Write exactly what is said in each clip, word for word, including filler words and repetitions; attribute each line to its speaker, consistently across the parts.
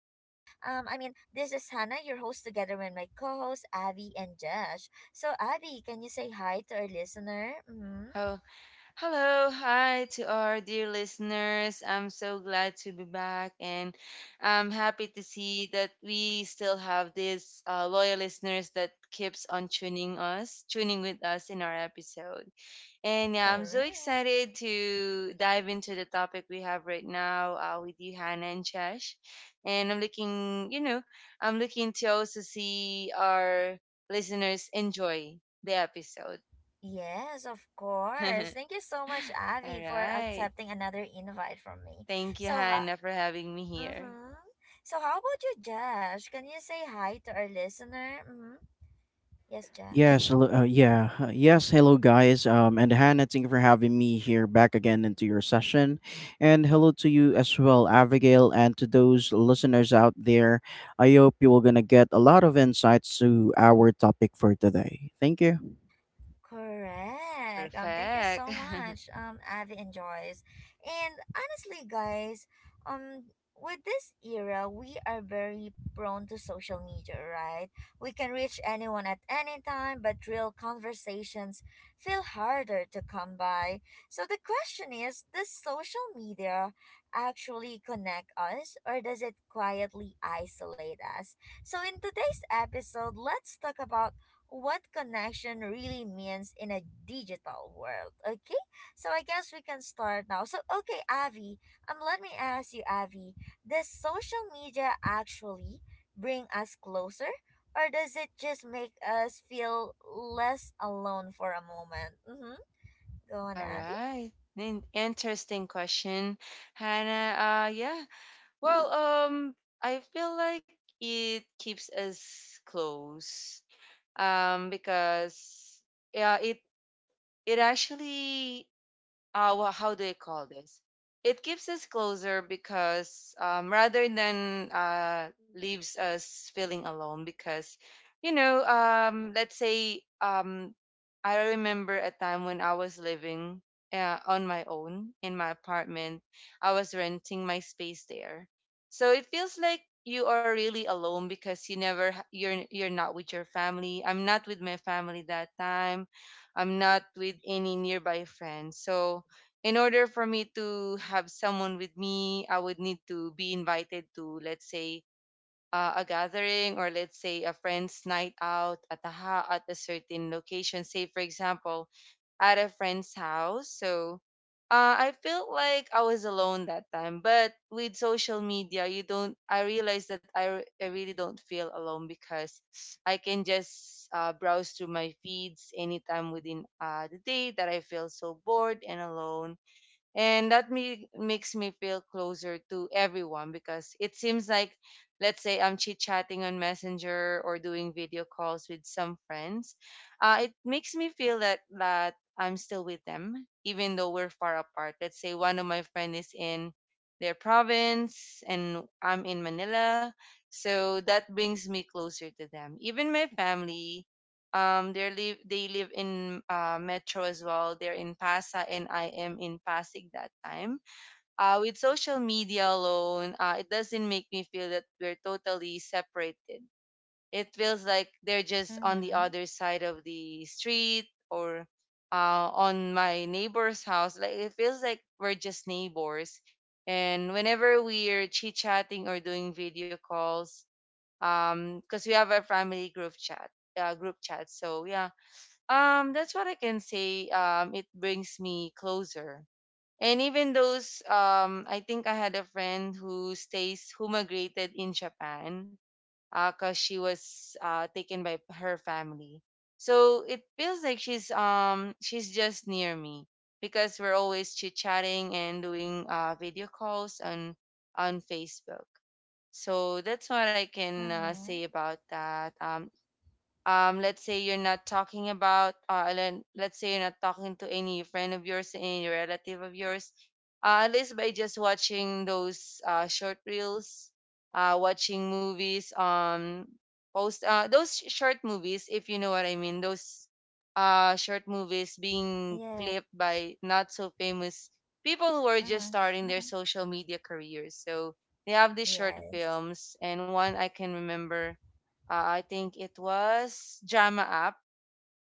Speaker 1: Um, I mean, this is Hannah, your host, together with my co-host Avi and Josh. So Avi, can you say hi to our listener? Mm-hmm.
Speaker 2: Oh, hello, hi to our dear listeners. I'm so glad to be back, and I'm happy to see that we still have these uh, loyal listeners that keeps on tuning us, tuning with us in our episode. And yeah, I'm so
Speaker 1: Correct.
Speaker 2: excited to dive into the topic we have right now uh, with you, Hannah and Chesh. And I'm looking, you know, I'm looking to also see our listeners enjoy the episode.
Speaker 1: Yes, of course. Thank you so much,
Speaker 2: All
Speaker 1: Avi, for
Speaker 2: right.
Speaker 1: accepting another invite from me.
Speaker 2: Thank you,
Speaker 1: So, ha-
Speaker 2: Hannah, for having me here.
Speaker 1: mm-hmm. so how about you, Josh? Can you say hi to our listener? Mm-hmm. Yes, Josh.
Speaker 3: Yes, hello, uh, yeah, uh, yes, hello guys. Um, and Hannah, thank you for having me here back again into your session, and hello to you as well, Abigail, and to those listeners out there. I hope you are gonna get a lot of insights to our topic for today. Thank you.
Speaker 1: Correct. Um, thank you
Speaker 2: Perfect.
Speaker 1: so much, um, Avi and Joyce. And honestly, guys, um, with this era, we are very prone to social media, right? We can reach anyone at any time, but real conversations feel harder to come by. So the question is, does social media actually connect us, or does it quietly isolate us? So in today's episode, let's talk about what connection really means in a digital world. Okay, so I guess we can start now. So, okay, Avi, um, let me ask you, Avi, does social media actually bring us closer, or does it just make us feel less alone for a moment? Mm-hmm. Go on,
Speaker 2: All
Speaker 1: Avi.
Speaker 2: right. In- interesting question, Hannah. Uh, yeah. Well, um, I feel like it keeps us close. Um, because yeah, it it actually uh wha- how do you call this it keeps us closer because um rather than uh leaves us feeling alone because you know um let's say, um I remember a time when I was living uh, on my own in my apartment. I was renting my space there, so it feels like you are really alone because you never ha- you're you're not with your family. I'm not with my family that time. I'm not with any nearby friends. So in order for me to have someone with me, I would need to be invited to, let's say, uh, a gathering, or let's say a friend's night out at a ha- at a certain location. Say, for example, at a friend's house. So, uh, I felt like I was alone that time. But with social media, you don't. I realized that I, re- I really don't feel alone because I can just uh, browse through my feeds anytime within uh, the day that I feel so bored and alone, and that me- makes me feel closer to everyone because it seems like, let's say, I'm chit chatting on Messenger or doing video calls with some friends. Uh, it makes me feel that, that I'm still with them, even though we're far apart. Let's say one of my friend is in their province and I'm in Manila. So that brings me closer to them. Even my family, um, they live they live in uh, Metro as well. They're in Pasa, and I am in Pasig that time. Uh, with social media alone, uh, it doesn't make me feel that we're totally separated. It feels like they're just on the
Speaker 1: Mm-hmm.
Speaker 2: other side of the street or uh, on my neighbor's house. Like it feels like we're just neighbors. And whenever we're chit chatting or doing video calls, um, because we have our family group chat, uh, group chat. So yeah, um, that's what I can say. Um, it brings me closer. And even those, um, I think I had a friend who stays, who migrated in Japan, uh, cause she was uh taken by her family. So it feels like she's um she's just near me because we're always chit chatting and doing uh video calls on on Facebook. So that's what I can uh, say
Speaker 1: Mm-hmm.
Speaker 2: about that. Um, um, let's say you're not talking about, uh, and let's say you're not talking to any friend of yours, any relative of yours, uh, at least by just watching those uh, short reels, uh, watching movies, um, post uh, those sh- short movies, if you know what I mean, those uh, short movies being
Speaker 1: Yeah.
Speaker 2: clipped by not so famous people who are just starting their
Speaker 1: Mm-hmm.
Speaker 2: social media careers. So they have these short
Speaker 1: Yes.
Speaker 2: films, and one I can remember uh, I think it was Drama App.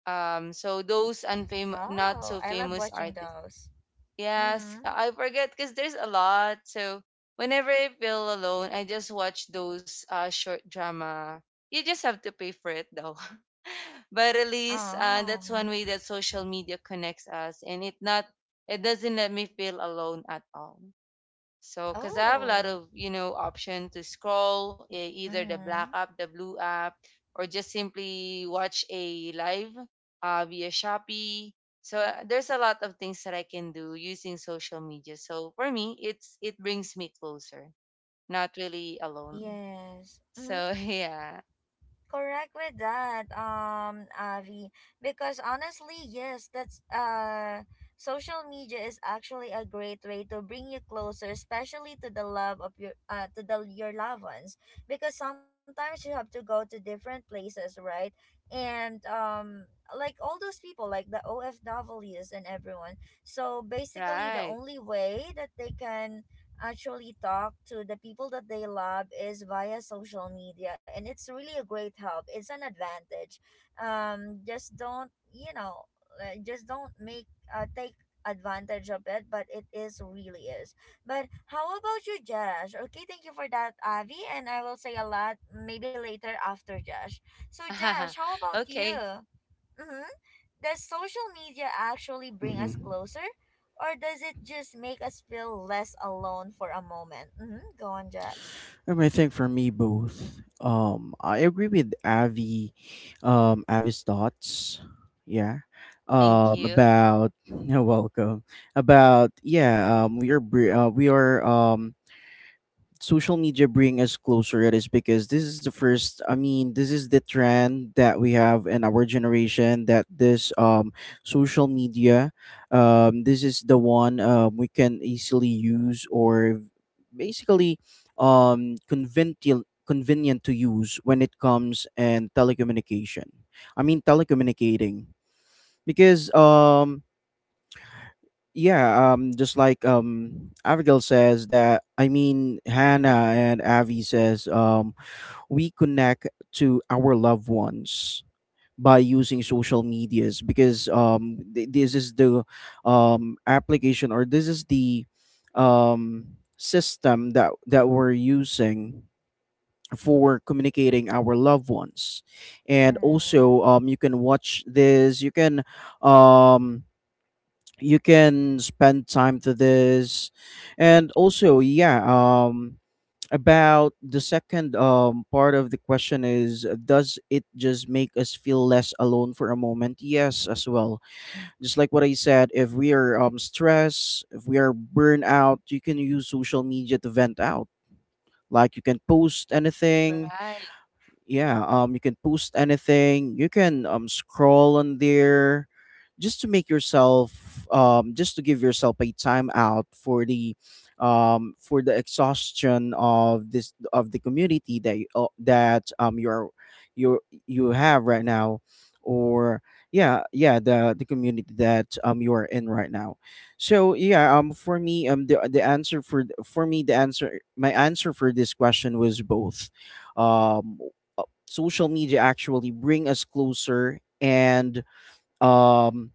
Speaker 2: Um, so those unfam not
Speaker 1: Oh,
Speaker 2: so
Speaker 1: I love
Speaker 2: famous
Speaker 1: watching
Speaker 2: artists.
Speaker 1: those.
Speaker 2: Yes,
Speaker 1: Mm-hmm.
Speaker 2: I I forget because there's a lot. So whenever I feel alone, I just watch those uh, short drama. You just have to pay for it though. But at least uh,
Speaker 1: Oh.
Speaker 2: that's one
Speaker 1: Mhm.
Speaker 2: way that social media connects us, and it not it doesn't let me feel alone at all. So, because I have a lot
Speaker 1: Oh.
Speaker 2: of, you know, option to scroll eh, either the black
Speaker 1: Mm-hmm.
Speaker 2: app, the blue app, or just simply watch a live uh, via Shopee. So uh, there's a lot of things that I can do using social media. So for me, it's it brings me closer, not really alone.
Speaker 1: Yes. Mm-hmm.
Speaker 2: So yeah,
Speaker 1: Correct with that, um, Avi. Because honestly, yes, that's uh social media is actually a great way to bring you closer, especially to the love of your uh to the your loved ones. Because sometimes you have to go to different places, right? And um like all those people, like the O F O F Ws and everyone. So basically the
Speaker 2: right.
Speaker 1: only way that they can actually talk to the people that they love is via social media, and it's really a great help. It's an advantage. Um just don't, you know, uh, just don't make uh, take advantage of it, but it is really is. But how about you, Josh? Okay, thank you for that, Avi, and I will say a lot maybe later after Josh. So Josh, how about
Speaker 2: Okay,
Speaker 1: you? Mm-hmm. Does social media actually bring us
Speaker 3: hmm
Speaker 1: closer, or does it just make us feel less alone for a moment? Mm-hmm. Go on, Josh.
Speaker 3: Um, I think for me both. Um, I agree with Avi, um, Avi's thoughts. Yeah.
Speaker 2: thank
Speaker 3: Um,
Speaker 2: you.
Speaker 3: about you're welcome. About yeah. Um, we are br- uh, we are um social media bring us closer. It is because this is the first, I mean this is the trend that we have in our generation, that this um social media, um this is the one um, we can easily use, or basically um convenient convenient to use when it comes and telecommunication, I mean telecommunicating. Because um yeah, um just like um Abigail says, that I mean Hannah and Avi says, um we connect to our loved ones by using social medias. Because um th- this is the um application, or this is the um system that that we're using for communicating our loved ones. And
Speaker 1: Mm-hmm.
Speaker 3: also um you can watch this, you can um you can spend time to this. And also yeah, um about the second um part of the question is, uh, does it just make us feel less alone for a moment? Yes as well. Just like what I said, if we are um stressed, if we are burnt out, you can use social media to vent out, like you can post anything.
Speaker 2: Right.
Speaker 3: Yeah, um you can post anything, you can um scroll on there just to make yourself, um just to give yourself a time out for the um for the exhaustion of this, of the community that you, uh, that um you're you you have right now. Or yeah, yeah, the the community that um you are in right now. So yeah, um for me, um the the answer for for me the answer, my answer for this question was both. um uh, Social media actually bring us closer, and um,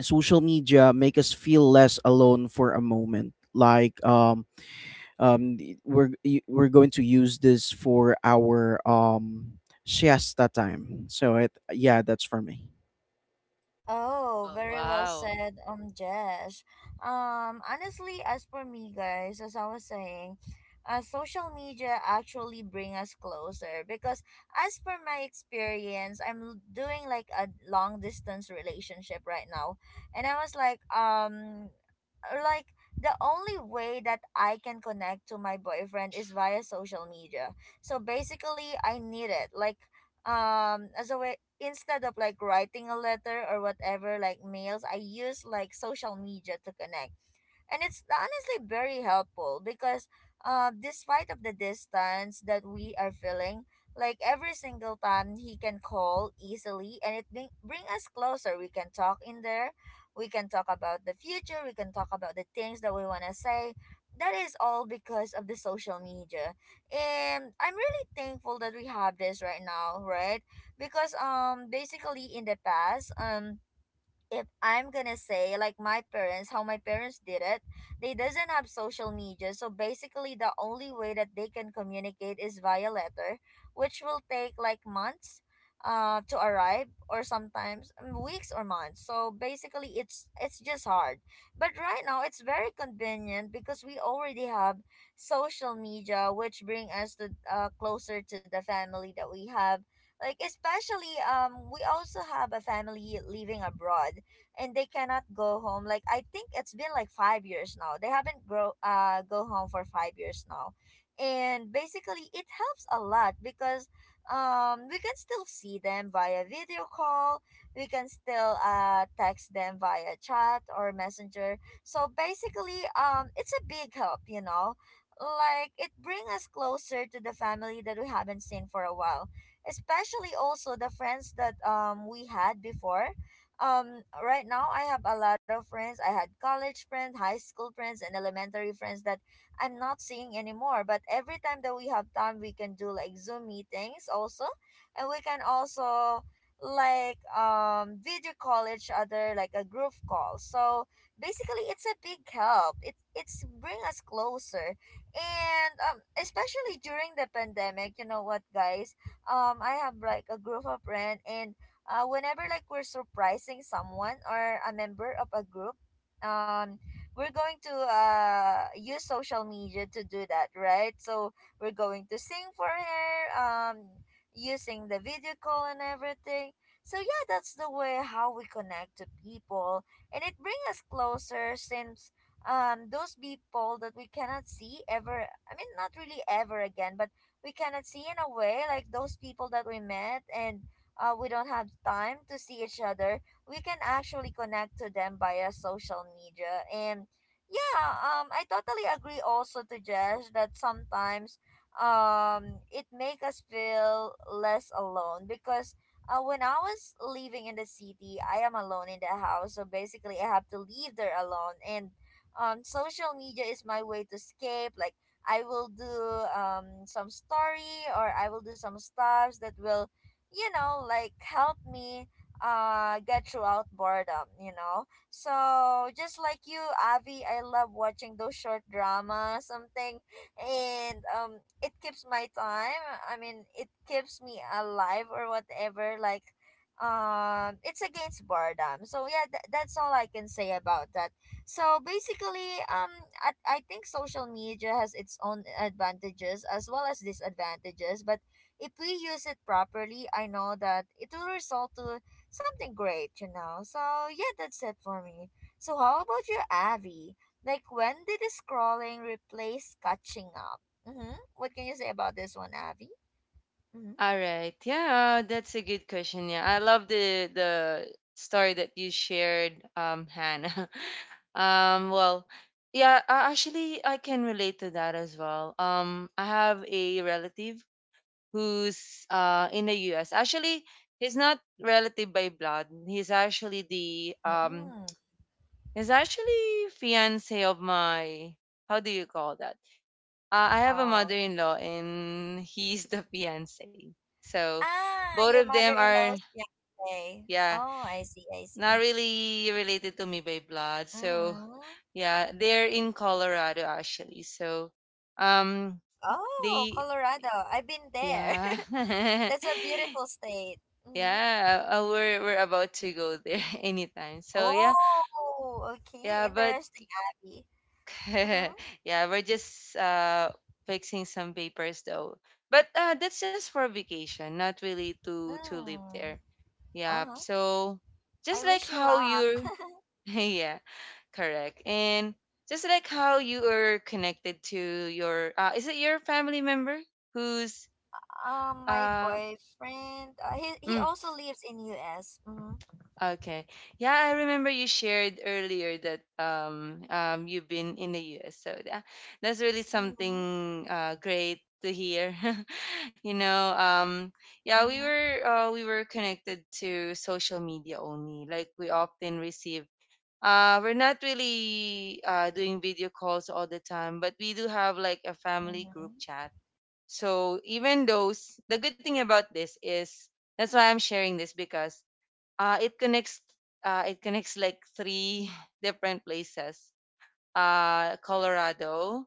Speaker 3: social media make us feel less alone for a moment, like um, um, y- we're y- we're going to use this for our um, siesta time. So it, yeah, that's for me.
Speaker 1: Oh,
Speaker 2: Oh
Speaker 1: very well
Speaker 2: wow.
Speaker 1: said, um, Jesh. Um, honestly, as for me, guys, as I was saying, uh, social media actually bring us closer because, as per my experience, I'm l- doing like a long distance relationship right now, and I was like, um, like the only way that I can connect to my boyfriend is via social media. So basically, I need it like um as a way instead of like writing a letter or whatever like mails. I use like social media to connect, and it's honestly very helpful because uh, despite of the distance that we are feeling, like every single time he can call easily and it bring, bring us closer. We can talk in there, we can talk about the future, we can talk about the things that we want to say. That is all because of the social media, and I'm really thankful that we have this right now, right? Because um basically in the past, um if I'm gonna say like my parents, how my parents did it, they doesn't have social media. So basically the only way that they can communicate is via letter, which will take like months uh to arrive, or sometimes um, weeks or months. So basically it's it's just hard. But right now it's very convenient because we already have social media which bring us to uh, closer to the family that we have. Like especially um we also have a family living abroad, and they cannot go home. Like I think it's been like five years now. They haven't grow uh go home for five years now, and basically it helps a lot because um we can still see them via video call. We can still uh text them via chat or messenger. So basically um it's a big help, you know. Like it brings us closer to the family that we haven't seen for a while, especially also the friends that um we had before. Um right now I have a lot of friends. I had college friends, high school friends, and elementary friends that I'm not seeing anymore. But every time that we have time, we can do like Zoom meetings also, and we can also like um video call each other like a group call. So basically, it's a big help. It it's bring us closer, and um especially during the pandemic. You know what, guys? Um, I have like a group of friends, and uh, whenever like we're surprising someone or a member of a group, um we're going to uh use social media to do that, right? So we're going to sing for her um using the video call and everything. So yeah, that's the way how we connect to people, and it brings us closer since um those people that we cannot see ever, I mean not really ever again, but we cannot see in a way, like those people that we met and uh, we don't have time to see each other, we can actually connect to them via social media. And yeah, um, I totally agree also to Jess that sometimes um, it make us feel less alone because uh, when I was living in the city, I am alone in the house. So basically, I have to leave there alone. And um, social media is my way to escape. Like, I will do um, some story, or I will do some stuffs that will, you know, like help me uh get throughout boredom, you know. So just like you, Avi, I love watching those short drama something, and um it keeps my time. I mean it keeps me alive or whatever, like um it's against boredom. So yeah, th- that's all I can say about that. So basically, um I, I think social media has its own advantages as well as disadvantages, but if we use it properly, I know that it will result to something great, you know. So yeah, that's it for me. So how about you, Avi? Like when did the scrolling replace catching up? Mm-hmm. What can you say about this one, Avi? Mm-hmm.
Speaker 2: All right. Yeah, that's a good question. Yeah. I love the the story that you shared, um, Hannah. Um, well, yeah, a- actually I can relate to that as well. Um, I have a relative who's uh in the U S. Actually, he's not relative by blood. He's actually the um
Speaker 1: Mm.
Speaker 2: he's actually fiance of my, how do you call that? Uh, I have a
Speaker 1: Oh.
Speaker 2: mother-in-law and he's the fiance. So
Speaker 1: Ah,
Speaker 2: both
Speaker 1: your
Speaker 2: of them
Speaker 1: mother-in-law's
Speaker 2: are
Speaker 1: fiance.
Speaker 2: yeah,
Speaker 1: Oh, I see, I see.
Speaker 2: not really related to me by blood. So
Speaker 1: Mm-hmm.
Speaker 2: yeah, they're in Colorado actually. So um
Speaker 1: Oh,
Speaker 2: they
Speaker 1: Colorado. I've been there.
Speaker 2: yeah.
Speaker 1: That's a beautiful state. Mm-hmm.
Speaker 2: Yeah, uh, we're we're about to go there anytime. So yeah.
Speaker 1: Oh, okay.
Speaker 2: Yeah, but
Speaker 1: Interesting, Abby. Mm-hmm.
Speaker 2: yeah, we're just uh fixing some papers though. But uh that's just for vacation, not really to to live
Speaker 1: Mm.
Speaker 2: there. Yeah.
Speaker 1: Uh-huh.
Speaker 2: So
Speaker 1: I
Speaker 2: just like
Speaker 1: wish you
Speaker 2: how
Speaker 1: luck.
Speaker 2: you're yeah, correct. And just like how you are connected to your uh is it your family member who's
Speaker 1: Um, my
Speaker 2: uh
Speaker 1: boyfriend, uh, he he
Speaker 2: mm,
Speaker 1: also lives in U S. Mm-hmm.
Speaker 2: Okay. Yeah, I remember you shared earlier that um um you've been in the U S. So that, that's really
Speaker 1: Mm-hmm.
Speaker 2: something uh great to hear. You know, um yeah, we
Speaker 1: Mm-hmm.
Speaker 2: were uh we were connected to social media only. Like we often receive uh we're not really uh doing video calls all the time, but we do have like a family group
Speaker 1: Mm-hmm.
Speaker 2: chat. So even those the good thing about this is that's why I'm sharing this because uh, it connects uh, it connects like three different places, uh, Colorado,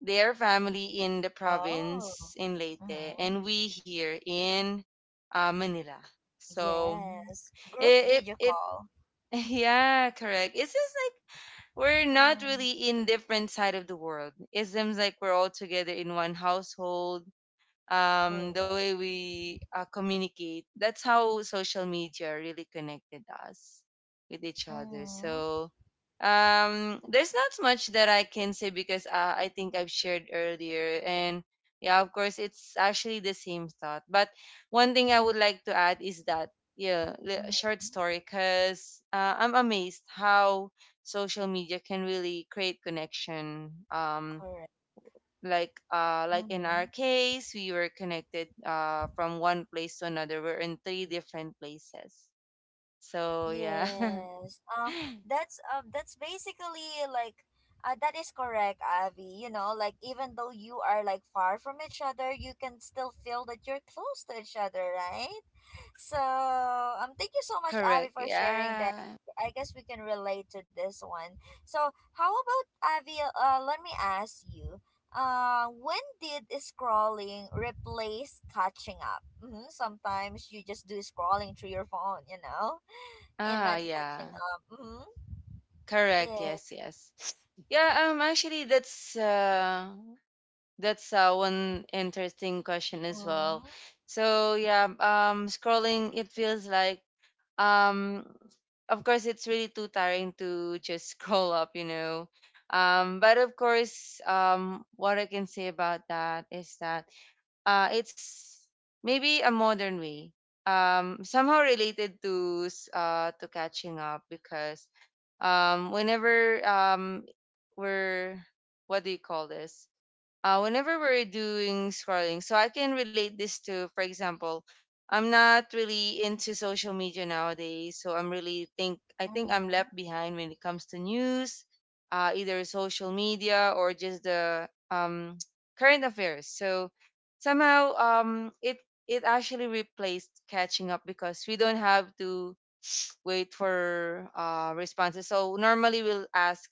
Speaker 2: their family in the
Speaker 1: Oh.
Speaker 2: province in Leyte,
Speaker 1: Mm-hmm.
Speaker 2: and we here in uh, Manila. So
Speaker 1: Yes. Group
Speaker 2: it,
Speaker 1: video
Speaker 2: it
Speaker 1: call.
Speaker 2: it yeah correct, it's just like we're not
Speaker 1: Mm.
Speaker 2: really in different side of the world. It seems like we're all together in one household, um, the way
Speaker 1: Correct.
Speaker 2: we uh, communicate. That's how social media really connected us with each other.
Speaker 1: Mm-hmm.
Speaker 2: So um, there's not much that I can say because uh, I think I've shared earlier. And yeah, of course, it's actually the same thought. But one thing I would like to add is that, yeah, li- a short
Speaker 1: Mm-hmm.
Speaker 2: story because uh, I'm amazed how social media can really create connection. Um,
Speaker 1: Correct.
Speaker 2: like uh like in
Speaker 1: Mm-hmm.
Speaker 2: our case, we were connected uh from one place to another. We're in three different places. So yeah.
Speaker 1: Yes. Uh, that's uh, that's basically like uh, that is correct, Avi. You know, like even though you are like far from each other, you can still feel that you're close to each other, right? So, um, thank you so much, Avi,
Speaker 2: Correct,
Speaker 1: for sharing that.
Speaker 2: yeah.
Speaker 1: I guess we can relate to this one. So, how about Avi? Uh, let me ask you. Uh, when did scrolling replace catching up? Mm-hmm. Sometimes you just do scrolling through your phone, you know? And
Speaker 2: Ah
Speaker 1: not catching
Speaker 2: yeah,
Speaker 1: up. Mm-hmm.
Speaker 2: correct, yes,
Speaker 1: Yes.
Speaker 2: yes. Yeah, um actually that's uh that's uh, one interesting question as well.
Speaker 1: Mm-hmm.
Speaker 2: So yeah, um scrolling it feels like, um of course, it's really too tiring to just scroll up, you know. um but of course, um what I can say about that is that uh it's maybe a modern way, um somehow related to s- uh to catching up because um whenever um we're what do you call this, uh, whenever we're doing scrolling. So I can relate this to, for example, I'm not really into social media nowadays, so I'm really think I think I'm
Speaker 1: Mm-hmm.
Speaker 2: left behind when it comes to news, uh, either social media or just the um, current affairs. So somehow, um, it it actually replaced catching up because we don't have to wait for uh, responses. So normally we'll ask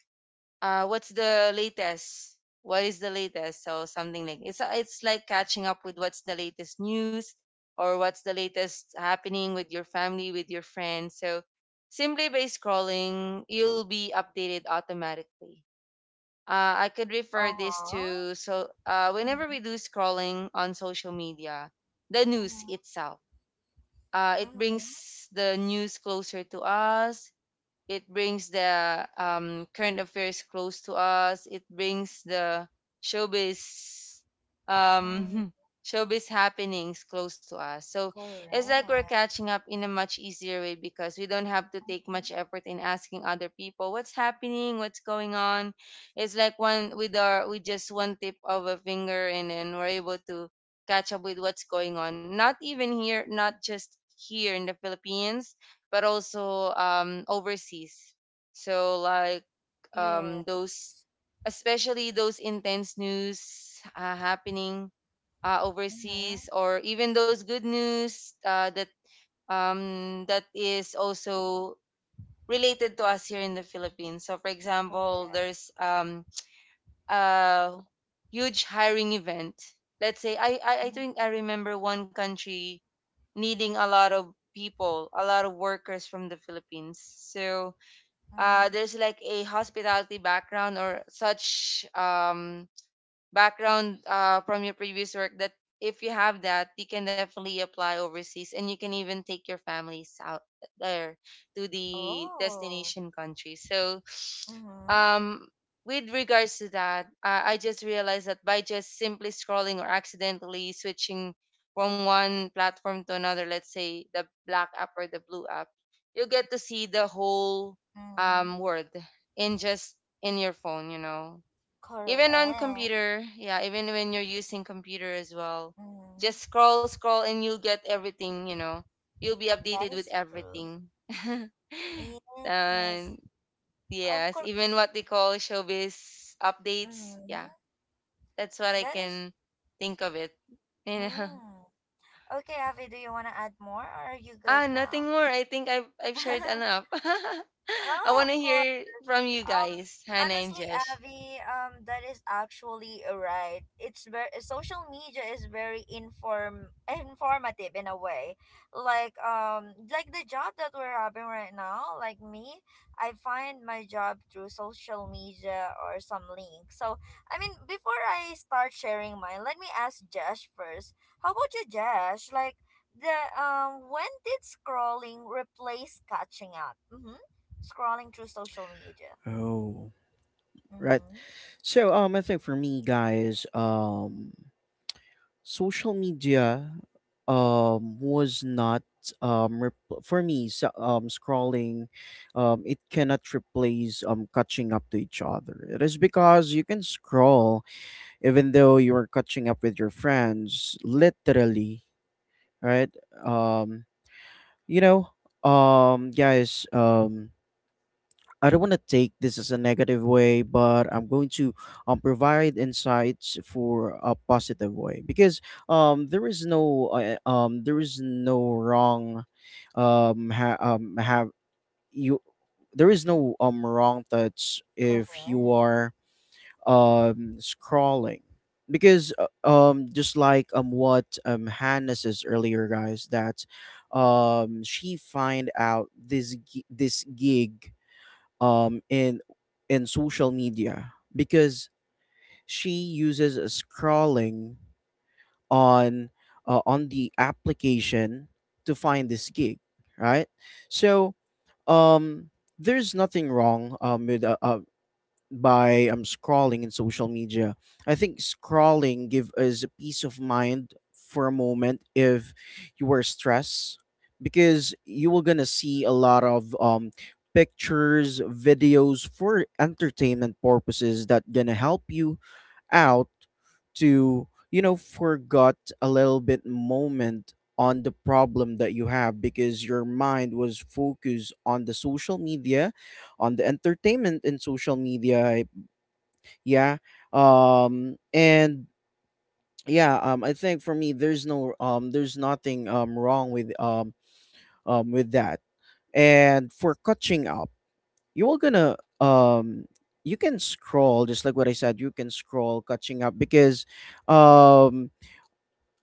Speaker 2: uh what's the latest, what is the latest. So something like it's it's like catching up with what's the latest news or what's the latest happening with your family, with your friends. So simply by scrolling, you'll be updated automatically. uh, I could refer this
Speaker 1: Uh-huh.
Speaker 2: to so uh, whenever
Speaker 1: Mm-hmm.
Speaker 2: we do scrolling on social media, the news
Speaker 1: Mm-hmm.
Speaker 2: itself, uh, it
Speaker 1: Mm-hmm.
Speaker 2: brings the news closer to us. It brings the um, current affairs close to us. It brings the showbiz,
Speaker 1: Mm-hmm.
Speaker 2: um, showbiz happenings close to us. So it's like we're
Speaker 1: Correct.
Speaker 2: catching up in a much easier way because we don't have to take much effort in asking other people what's happening, what's going on. It's like one with our with just one tip of a finger, and then we're able to catch up with what's going on. Not even here, not just here in the Philippines, but also um, overseas. So like
Speaker 1: Yes.
Speaker 2: um, those, especially those intense news uh, happening uh,
Speaker 1: Mm-hmm.
Speaker 2: overseas, or even those good news uh, that um, that is also related to us here in the Philippines. So for example,
Speaker 1: Correct.
Speaker 2: there's um, a huge hiring event. Let's say I, I I
Speaker 1: Mm-hmm.
Speaker 2: think I remember one country needing a lot of people, a lot of workers from the Philippines. So uh,
Speaker 1: Mm-hmm.
Speaker 2: there's like a hospitality background or such um, background uh, from your previous work that if you have that, you can definitely apply overseas, and you can even take your families out there to the
Speaker 1: Oh.
Speaker 2: destination country. So,
Speaker 1: Mm-hmm.
Speaker 2: um, with regards to that, I, I just realized that by just simply scrolling or accidentally switching from one platform to another, let's say the black app or the blue app, you get to see the whole
Speaker 1: Mm-hmm.
Speaker 2: um, world in just in your phone, you know even on
Speaker 1: Correct.
Speaker 2: computer, yeah, even when you're using computer as well. Just
Speaker 1: Mm-hmm.
Speaker 2: scroll scroll and you'll get everything, you know you'll be
Speaker 1: That
Speaker 2: updated with
Speaker 1: is true.
Speaker 2: everything.
Speaker 1: Yes.
Speaker 2: And
Speaker 1: Of
Speaker 2: yes,
Speaker 1: course.
Speaker 2: even what they call showbiz updates,
Speaker 1: Mm-hmm.
Speaker 2: yeah, that's what I
Speaker 1: That is.
Speaker 2: can think of it, you know
Speaker 1: Mm. Okay, Avi, do you want to add more or are you
Speaker 2: ah
Speaker 1: good
Speaker 2: nothing
Speaker 1: now?
Speaker 2: more, I think i've, I've shared enough. I
Speaker 1: Oh,
Speaker 2: want to
Speaker 1: of course.
Speaker 2: hear from you
Speaker 1: Um,
Speaker 2: guys, Hannah and
Speaker 1: honestly,
Speaker 2: Jesh.
Speaker 1: Avi, um, that is actually right. It's very social media is very inform informative in a way. Like um, like the job that we're having right now. Like me, I find my job through social media or some link. So I mean, before I start sharing mine, let me ask Josh first. How about you, Josh? Like the um, when did scrolling replace catching up? Mm-hmm, scrolling through social media.
Speaker 3: oh right
Speaker 1: Mm-hmm.
Speaker 3: so um I think for me, guys, um social media um was not um rep- for me, so- um scrolling, um it cannot replace um catching up to each other. It is because you can scroll even though you are catching up with your friends literally, right? um you know um Guys, um I don't want to take this as a negative way, but I'm going to um, provide insights for a positive way. Because um, there is no uh, um, there is no wrong um, ha- um, have you there is no um, wrong touch if you
Speaker 1: Correct.
Speaker 3: are um, scrolling. Because uh, um, just like um, what um, Hannah says earlier, guys, that um, she find out this gi- this gig um in in social media because she uses a scrolling on uh, on the application to find this gig, right? So um there's nothing wrong um with uh, uh, by um, scrolling in social media. I think scrolling give us a peace of mind for a moment if you were stressed, because you will gonna see a lot of um, pictures, videos for entertainment purposes that gonna help you out to, you know, forgot a little bit moment on the problem that you have, because your mind was focused on the social media, on the entertainment in social media. Yeah. Um and yeah, um I think for me there's no um there's nothing um wrong with um um with that. And for catching up, you're gonna um you can scroll. Just like what I said, you can scroll catching up because um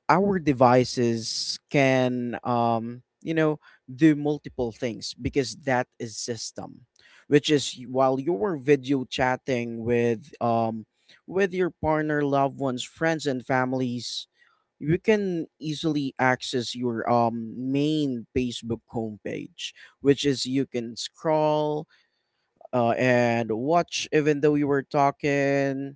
Speaker 3: our devices can, um you know, do multiple things because that is system, which is, y- while you're video chatting with um with your partner, loved ones, friends and families, you can easily access your um main Facebook homepage, which is you can scroll uh, and watch even though you were talking.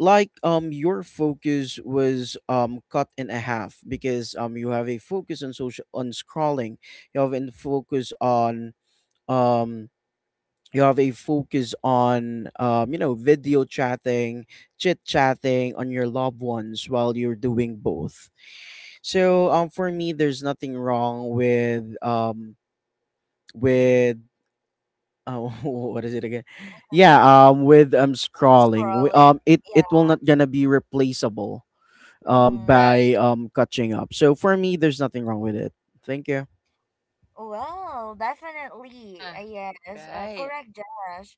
Speaker 3: Like um your focus was um cut in a half because um you have a focus on social, on scrolling, you have a focus on um you have a focus on, um you know, video chatting, chit chatting on your loved ones while you're doing both. So um for me, there's nothing wrong with um with uh, what is it again? Yeah,
Speaker 1: Mm-hmm.
Speaker 3: um with um scrolling, we,
Speaker 1: Scrolling.
Speaker 3: um it it will
Speaker 1: Yeah.
Speaker 3: not gonna be replaceable um,
Speaker 1: Mm-hmm.
Speaker 3: by
Speaker 2: Right.
Speaker 3: um, catching up. So for me, there's nothing wrong with it. Thank you.
Speaker 1: Well, definitely.
Speaker 2: Uh-huh.
Speaker 1: Uh, yes. Uh,
Speaker 2: Right.
Speaker 1: correct, Josh.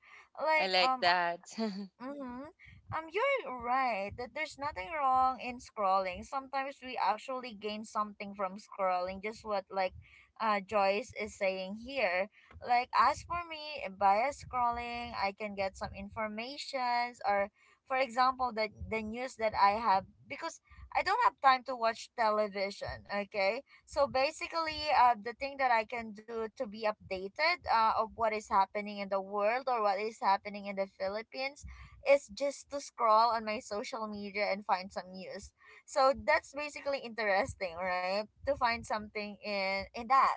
Speaker 2: I
Speaker 1: Like,
Speaker 2: like
Speaker 1: um,
Speaker 2: that.
Speaker 1: Mm-hmm. Um, you're right that there's nothing wrong in scrolling. Sometimes we actually gain something from scrolling, just what like uh Joyce is saying here. Like as for me, via scrolling I can get some informations, or for example the the news that I have because I don't have time to watch television, okay? So basically uh the thing that I can do to be updated uh of what is happening in the world or what is happening in the Philippines is just to scroll on my social media and find some news. So that's basically interesting, right? To find something in in that.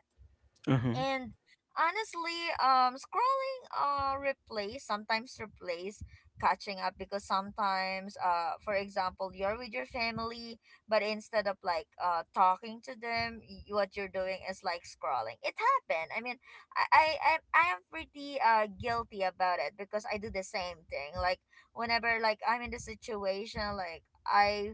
Speaker 3: Mm-hmm.
Speaker 1: And honestly, um, scrolling uh replace sometimes replace catching up, because sometimes uh for example you're with your family, but instead of like uh talking to them, y- what you're doing is like scrolling. It happened. I mean, i i i I am pretty uh guilty about it, because I do the same thing. Like whenever like I'm in the situation, like I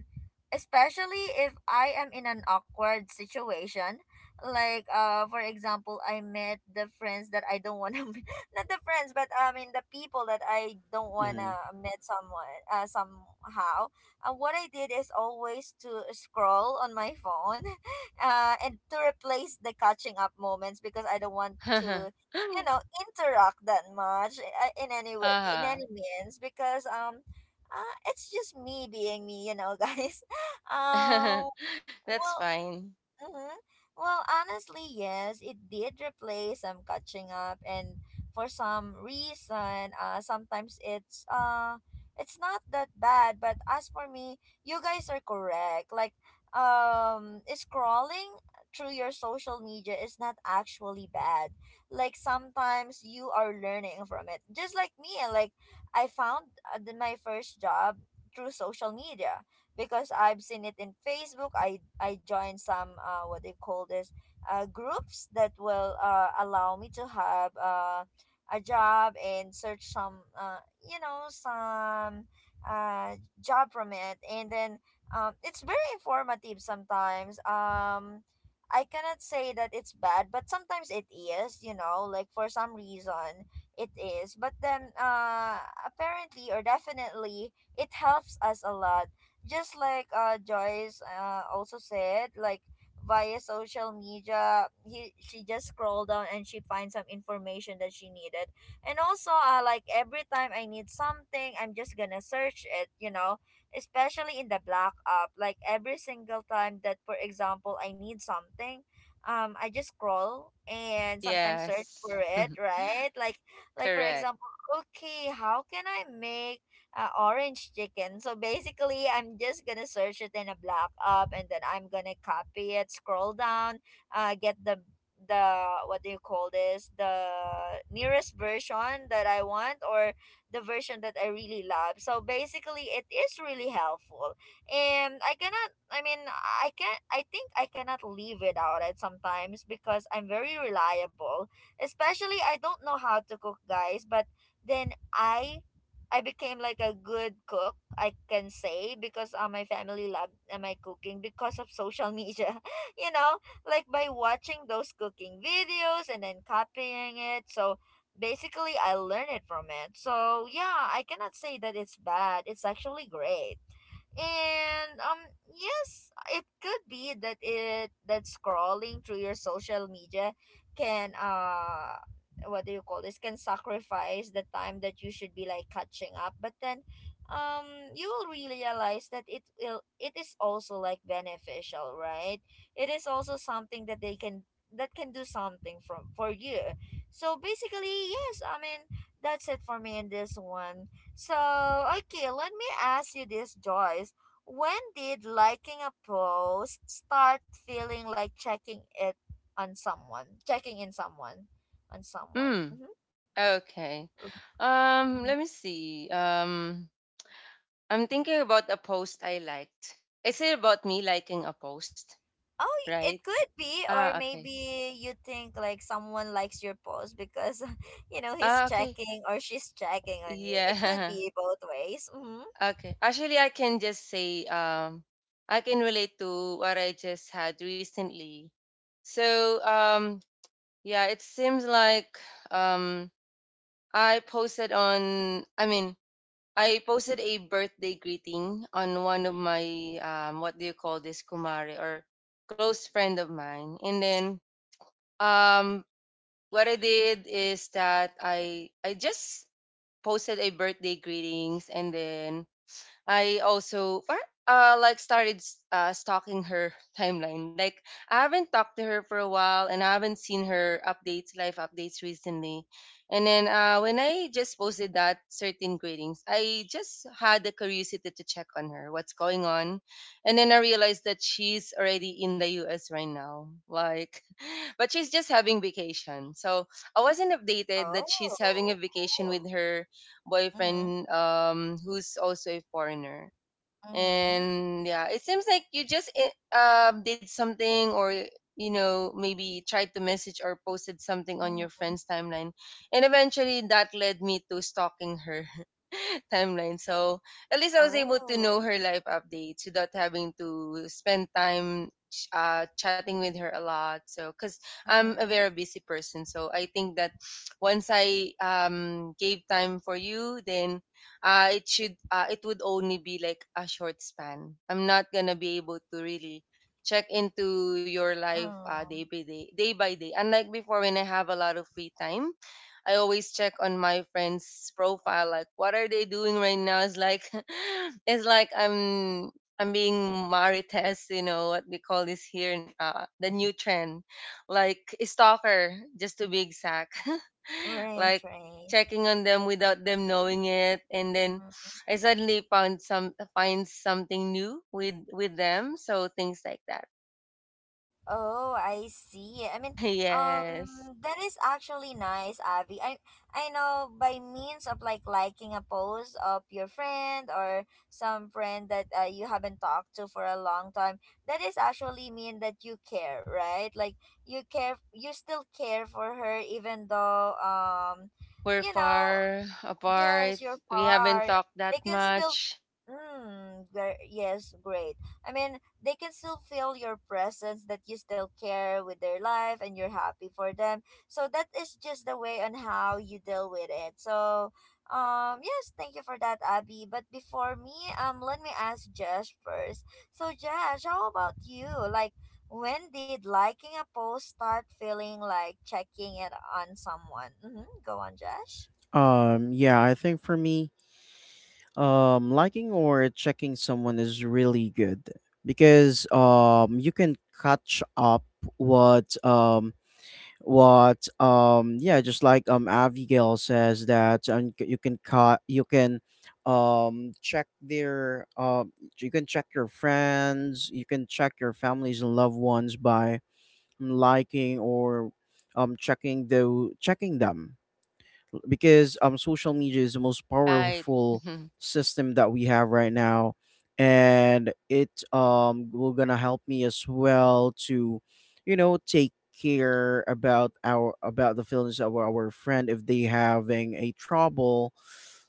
Speaker 1: especially if I am in an awkward situation. Like uh for example, I met the friends that I don't want to not the friends, but I mean, the people that I don't want to
Speaker 3: Mm-hmm.
Speaker 1: meet someone uh, somehow. Uh, what I did is always to scroll on my phone. Uh and to replace the catching up moments, because I don't want
Speaker 2: Uh-huh.
Speaker 1: to, you know, interact that much uh, in any way, in any means, because um uh, it's just me being me, you know. Guys, um
Speaker 2: That's
Speaker 1: well
Speaker 2: fine.
Speaker 1: Mm-hmm. Well, honestly, yes, it did replace some catching up, and for some reason, uh, sometimes it's uh, it's not that bad. But as for me, you guys are correct. Like, um, scrolling through your social media is not actually bad. Like sometimes you are learning from it, just like me. Like I found uh, the, my first job through social media, because I've seen it in Facebook. I I joined some uh what they call this, uh groups that will uh allow me to have uh a job and search some uh you know some uh job from it, and then um it's very informative sometimes. um I cannot say that it's bad, but sometimes it is, you know, like for some reason it is. But then uh apparently or definitely it helps us a lot, just like uh Joyce uh also said. Like via social media, he, she just scrolled down and she finds some information that she needed. And also, uh, like every time I need something, I'm just gonna search it. You know, especially in the black app, like every single time that, for example, I need something. Um, I just scroll and sometimes search
Speaker 2: Yes.
Speaker 1: for it, right? Like, like for
Speaker 2: Correct.
Speaker 1: example, okay, how can I make uh, orange chicken. So basically, I'm just gonna search it in a black app, and then I'm gonna copy it, scroll down, uh, get the the what do you call this the nearest version that I want, or the version that I really love. So basically, it is really helpful, and I cannot. I mean, I can. I think I cannot live without it sometimes, because I'm very reliable. Especially, I don't know how to cook, guys, but then I I became like a good cook, I can say, because uh, my family loved uh, my cooking because of social media. You know, like by watching those cooking videos and then copying it. So basically, I learned it from it. So yeah, I cannot say that it's bad. It's actually great. And um yes, it could be that it, that scrolling through your social media can uh what do you call this, can sacrifice the time that you should be like catching up. But then um you will realize that it will it is also like beneficial, right? It is also something that they can, that can do something from, for you. So basically, yes, I mean, that's it for me in this one. So, okay, let me ask you this, Joyce. When did liking a post start feeling like checking it on someone, checking in someone, on someone?
Speaker 2: Mm.
Speaker 1: Mm-hmm.
Speaker 2: Okay.
Speaker 1: Mm-hmm.
Speaker 2: Um, let me see. Um, I'm thinking about a post I liked. Is it about me liking a post,
Speaker 1: Oh, y-
Speaker 2: right?
Speaker 1: it could be,
Speaker 2: Ah,
Speaker 1: or
Speaker 2: okay.
Speaker 1: maybe you think like someone likes your post because, you know, he's
Speaker 2: Ah, okay.
Speaker 1: checking or she's checking on you. It could
Speaker 2: Yeah.
Speaker 1: be both ways. Mm-hmm.
Speaker 2: Okay. Actually, I can just say um I can relate to what I just had recently. So, um yeah, it seems like um I posted on I mean I posted a birthday greeting on one of my um what do you call this, kumare or close friend of mine, and then um what I did is that I I just posted a birthday greetings, and then I also par- uh, like started s- uh, stalking her timeline. Like, I haven't talked to her for a while, and I haven't seen her updates, live updates recently. And then uh, when I just posted that certain greetings, I just had the curiosity to check on her, what's going on. And then I realized that she's already in the U S right now. Like but she's just having vacation. So I wasn't updated that she's having a
Speaker 1: Oh, cool.
Speaker 2: vacation with her
Speaker 1: Mm-hmm.
Speaker 2: boyfriend, um, who's also a foreigner.
Speaker 1: Mm-hmm.
Speaker 2: And yeah, it seems like you just uh, did something, or, you know, maybe tried to message or posted something on
Speaker 1: Mm-hmm.
Speaker 2: your friend's timeline, and eventually that led me to stalking her timeline. So at least I was able to
Speaker 1: Oh.
Speaker 2: know her life updates without having to spend time ch- uh, chatting with her a lot, so because I'm a
Speaker 1: Mm-hmm.
Speaker 2: very busy person, so I think that once I um, gave time for you, then uh, it should uh, it would only be like a short span. I'm not gonna be able to really check into your life uh,
Speaker 1: Mm.
Speaker 2: day by day, day by day. Unlike before, when I have a lot of free time, I always check on my friends' profile, like what are they doing right now. It's like it's like I'm I'm being marites, you know what we call this here, in, uh, the new trend, like stalker, just to be exact.
Speaker 1: Right,
Speaker 2: Like
Speaker 1: right.
Speaker 2: checking on them without them knowing it, and then
Speaker 1: Mhm.
Speaker 2: I suddenly found some find something new with with them, so things like that.
Speaker 1: Oh, I see. I mean,
Speaker 2: Yes.
Speaker 1: um, that is actually nice, Abby. I I know, by means of like liking a post of your friend or some friend that uh, you haven't talked to for a long time, that is actually mean that you care, right? Like you care, you still care for her even though, um,
Speaker 2: We're
Speaker 1: you know,
Speaker 2: far apart,
Speaker 1: Yes, you're
Speaker 2: we haven't
Speaker 1: far.
Speaker 2: talked that
Speaker 1: They can still, f-
Speaker 2: much.
Speaker 1: mm, ver- yes, great. I mean, they can still feel your presence, that you still care with their life and you're happy for them. So that is just the way on how you deal with it. So, um, yes, thank you for that, Abby. But before me, um, let me ask Josh first. So, Josh, how about you? Like, when did liking a post start feeling like checking it on someone? Mm-hmm. Go on, Josh.
Speaker 3: Um, yeah, I think for me, um, liking or checking someone is really good, because um, you can catch up what um what um yeah, just like um Abigail says. That and c- you can cut you can um check their, um you can check your friends, you can check your families and loved ones by liking or um checking the checking them, because um social media is the most
Speaker 2: Right.
Speaker 3: powerful system that we have right now. And it um will gonna help me as well to, you know, take care about our, about the feelings of our friend if they having a trouble,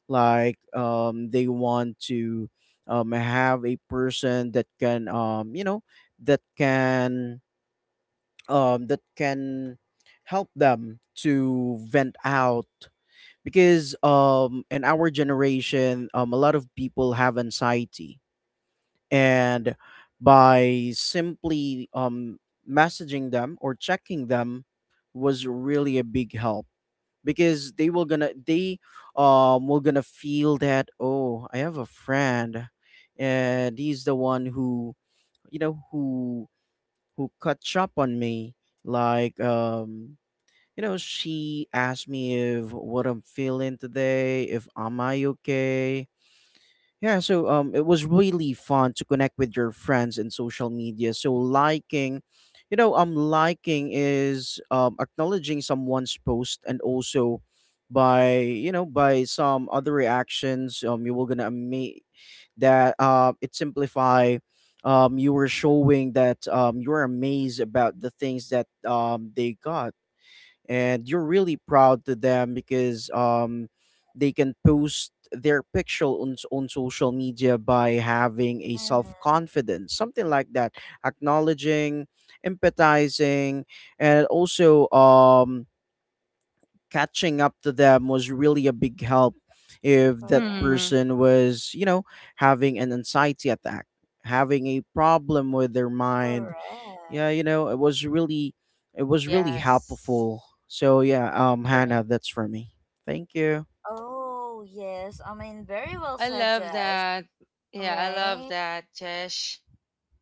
Speaker 3: like um they want to um have a person that can, um you know, that can um, that can help them to vent out. Because um, in our generation, um, a lot of people have anxiety, and by simply um, messaging them or checking them was really a big help. Because they will gonna they um will gonna feel that, oh, I have a friend, and he's the one who, you know, who who cut up on me. Like um you know, she asked me if what I'm feeling today, if am I okay. Yeah, so um, it was really fun to connect with your friends in social media. So liking, you know, um, liking is um, acknowledging someone's post, and also by, you know, by some other reactions, um you will gonna make that, uh it simplify, um you were showing that um you are amazed about the things that um they got, and you're really proud to them because um they can post their picture on s- on social media by having a self
Speaker 1: Mm-hmm.
Speaker 3: confidence, something like that. Acknowledging, empathizing, and also um catching up to them was really a big help if that
Speaker 1: Correct,
Speaker 2: Hmm.
Speaker 3: person was, you know, having an anxiety attack, having a problem with their mind. Yeah,
Speaker 1: correct.
Speaker 3: you know, it was really, it was really
Speaker 2: Yes.
Speaker 3: helpful. So yeah, um Hannah,
Speaker 2: Correct.
Speaker 3: that's for me. Thank you.
Speaker 1: Oh, yes. I mean, very well
Speaker 2: I
Speaker 1: said,
Speaker 2: love
Speaker 1: Josh.
Speaker 2: that. Yeah, I love
Speaker 1: Right?
Speaker 2: that, Jesh.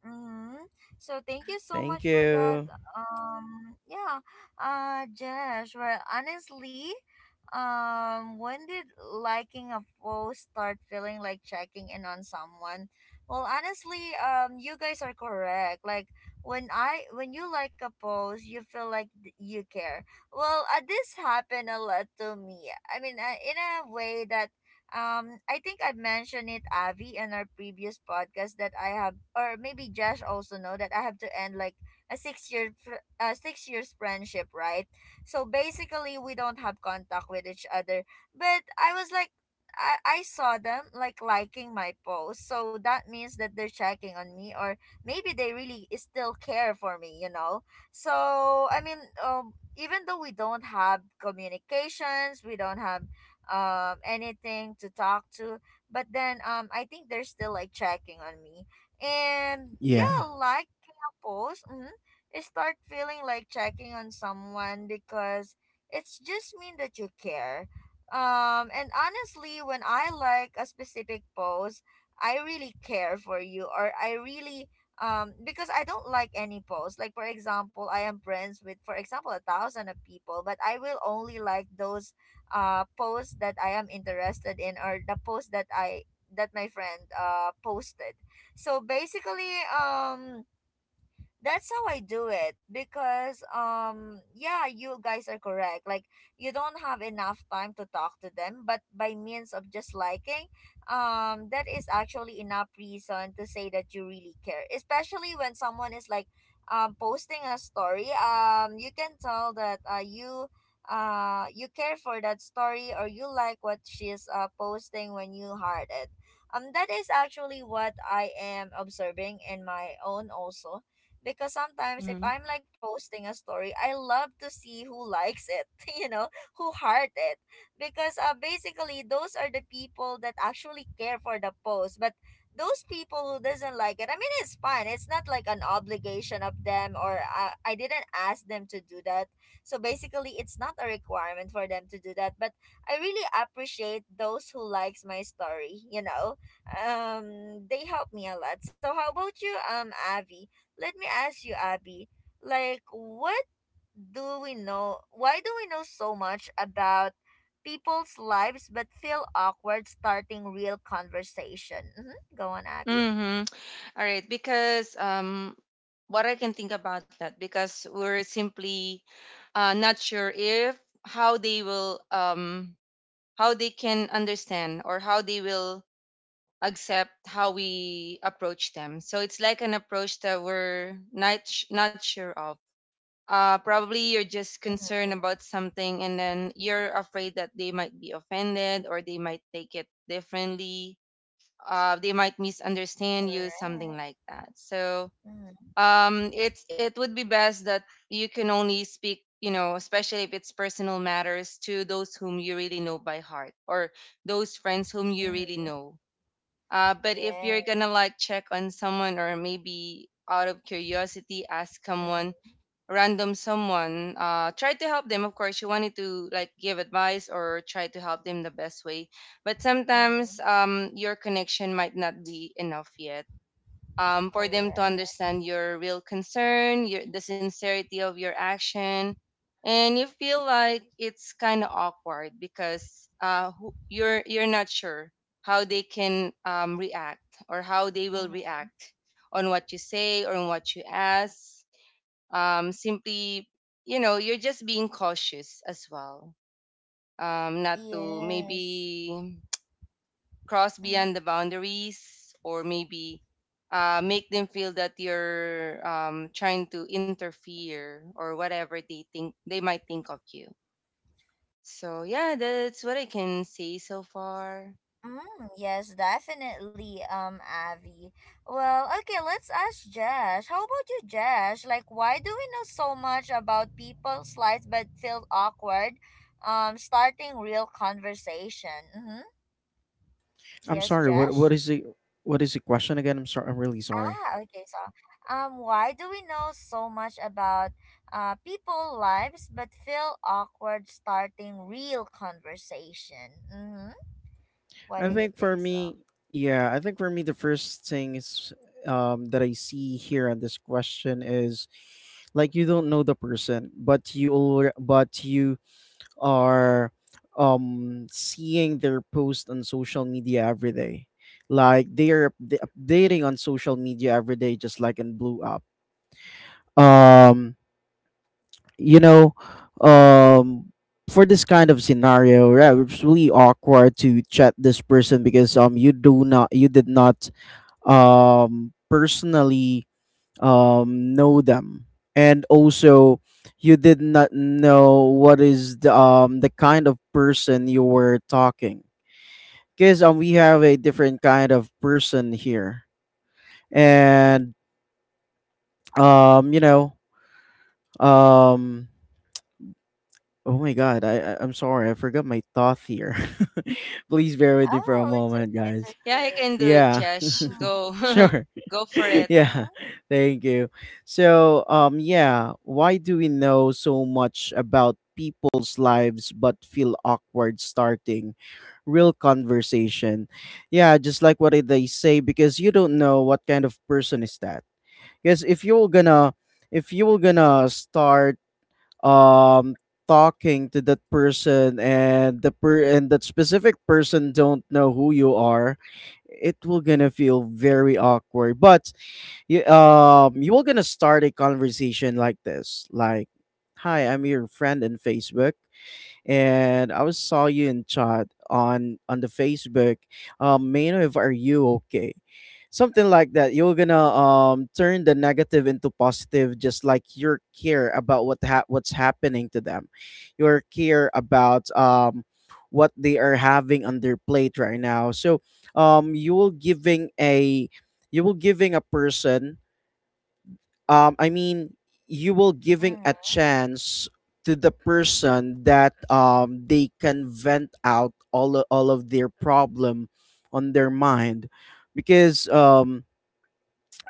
Speaker 1: Mm-hmm. So thank you so
Speaker 3: Thank
Speaker 1: much for that.
Speaker 3: you.
Speaker 1: Um, yeah. Uh, Jesh, well, honestly, um, when did liking a post start feeling like checking in on someone? Well, honestly, um, you guys are correct. Like when I when you like a post, you feel like th- you care. Well, uh, this happened a lot to me. I mean, uh, in a way that um, I think I mentioned it, Avi, in our previous podcast that I have, or maybe Josh also know, that I have to end like a six year, fr- uh, six years friendship, right? So basically, we don't have contact with each other. But I was like, I I saw them like liking my post, so that means that they're checking on me, or maybe they really still care for me, you know. So I mean, um, even though we don't have communications, we don't have um anything to talk to, but then um I think they're still like checking on me. And
Speaker 3: Yeah.
Speaker 1: yeah, like couples, mm-hmm, I start feeling like checking on someone because it's just mean that you care. um and honestly, when I like a specific pose, I really care for you, or I really, um because I don't like any pose. Like for example, I am friends with, for example, a thousand of people, but I will only like those uh post that I am interested in, or the post that I, that my friend uh posted. So basically, um that's how I do it. Because um yeah, you guys are correct, like you don't have enough time to talk to them, but by means of just liking, um that is actually enough reason to say that you really care. Especially when someone is like um posting a story, um you can tell that uh you uh you care for that story, or you like what she's uh posting when you heart it. um that is actually what I am observing in my own also, because sometimes if I'm
Speaker 2: Mm-hmm.
Speaker 1: like posting a story, I love to see who likes it. You know, who heart it. Because uh, basically those are the people that actually care for the post. But those people who doesn't like it, I mean, it's fine. It's not like an obligation of them, or uh, I didn't ask them to do that. So basically it's not a requirement for them to do that, but I really appreciate those who likes my story, you know. Um they help me a lot. So how about you, um Avi? Let me ask you, Abby, like what do we know why do we know so much about people's lives but feel awkward starting real conversation? Mm-hmm. Go on, Abby.
Speaker 2: Mm-hmm. All right, because um what I can think about that, because we're simply uh, not sure if how they will um how they can understand or how they will accept how we approach them. So it's like an approach that we're not sh- not sure of. Uh, probably you're just concerned
Speaker 1: Mm-hmm.
Speaker 2: about something, and then you're afraid that they might be offended or they might take it differently, uh, they might misunderstand you, something
Speaker 1: Correct.
Speaker 2: like that. So
Speaker 1: Mm-hmm.
Speaker 2: um, it's, it would be best that you can only speak, you know, especially if it's personal matters, to those whom you really know by heart, or those friends whom you really
Speaker 1: Mm-hmm.
Speaker 2: know. Uh, but if you're gonna
Speaker 1: Yes.
Speaker 2: like check on someone, or maybe out of curiosity ask someone,
Speaker 1: Mm-hmm.
Speaker 2: random someone, uh, try to help them, of course you wanted to like give advice or try to help them the best way. But
Speaker 1: Mm-hmm.
Speaker 2: sometimes um, your connection might not be enough yet, um, for them to
Speaker 1: Correct.
Speaker 2: understand your real concern, your, the sincerity of your action, and you feel like it's kind of awkward because uh, who- you're you're not sure how they can um, react, or how they will
Speaker 1: Mm-hmm.
Speaker 2: react on what you say or on what you ask. Um, simply, you know, you're just being cautious as well, um, not to
Speaker 1: Yes.
Speaker 2: maybe cross
Speaker 1: Hmm.
Speaker 2: beyond the boundaries or maybe uh, make them feel that you're um, trying to interfere or whatever they think, they might think of you. So yeah, that's what I can say so far.
Speaker 1: Mm, yes, definitely, um, Avi. Well, okay, let's ask Josh. How about you, Josh? Like, why do we know so much about people's lives but feel awkward um, starting real conversation? Mm-hmm.
Speaker 3: I'm
Speaker 1: Yes,
Speaker 3: sorry. What what
Speaker 1: Josh?
Speaker 3: is the, what is the question again? I'm sorry. I'm really sorry.
Speaker 1: Ah, okay, so, um, why do we know so much about, uh, people lives but feel awkward starting real conversation? Mm-hmm. What
Speaker 3: I
Speaker 1: do you
Speaker 3: think for
Speaker 1: think
Speaker 3: me,
Speaker 1: so?
Speaker 3: yeah, I think for me the first thing is um that I see here on this question is, like, you don't know the person, but you alre- but you are um seeing their post on social media every day, like they are upda- updating on social media every day, just like in blue app. um you know um for this kind of scenario, yeah, it's really awkward to chat this person, because um you do not, you did not um personally um, know them. And also you did not know what is the um, the kind of person you were talking, because um, we have a different kind of person here. And um, you know, um, oh my god, I, I i'm sorry, I forgot my thought here. Please bear with me for a
Speaker 1: Oh, it's
Speaker 3: moment,
Speaker 1: okay, it's
Speaker 3: guys.
Speaker 2: Yeah, I
Speaker 1: okay.
Speaker 2: can do it,
Speaker 3: Yeah.
Speaker 2: Josh.
Speaker 1: Mhm,
Speaker 2: Go,
Speaker 3: Sure.
Speaker 2: go for it.
Speaker 3: Yeah.
Speaker 1: mhm,
Speaker 3: Thank you. So, um yeah, why do we know so much about people's lives but feel awkward starting real conversation? Yeah, just like what they say, because you don't know what kind of person is that. Because if you're gonna if you are gonna start um talking to that person, and the per and that specific person don't know who you are, it will gonna feel very awkward. But you, um you will gonna start a conversation like this, like, hi, I'm your friend in Facebook, and I was saw you in chat on on the Facebook. Um, Maino, if are you okay? Something like that. You're gonna um turn the negative into positive, just like your care about what ha- what's happening to them, your care about um what they are having on their plate right now. So um you will giving a, you will giving a person, um, I mean, you will giving
Speaker 1: mhm.
Speaker 3: a chance to the person that, um, they can vent out all o- all of their problem on their mind, because um,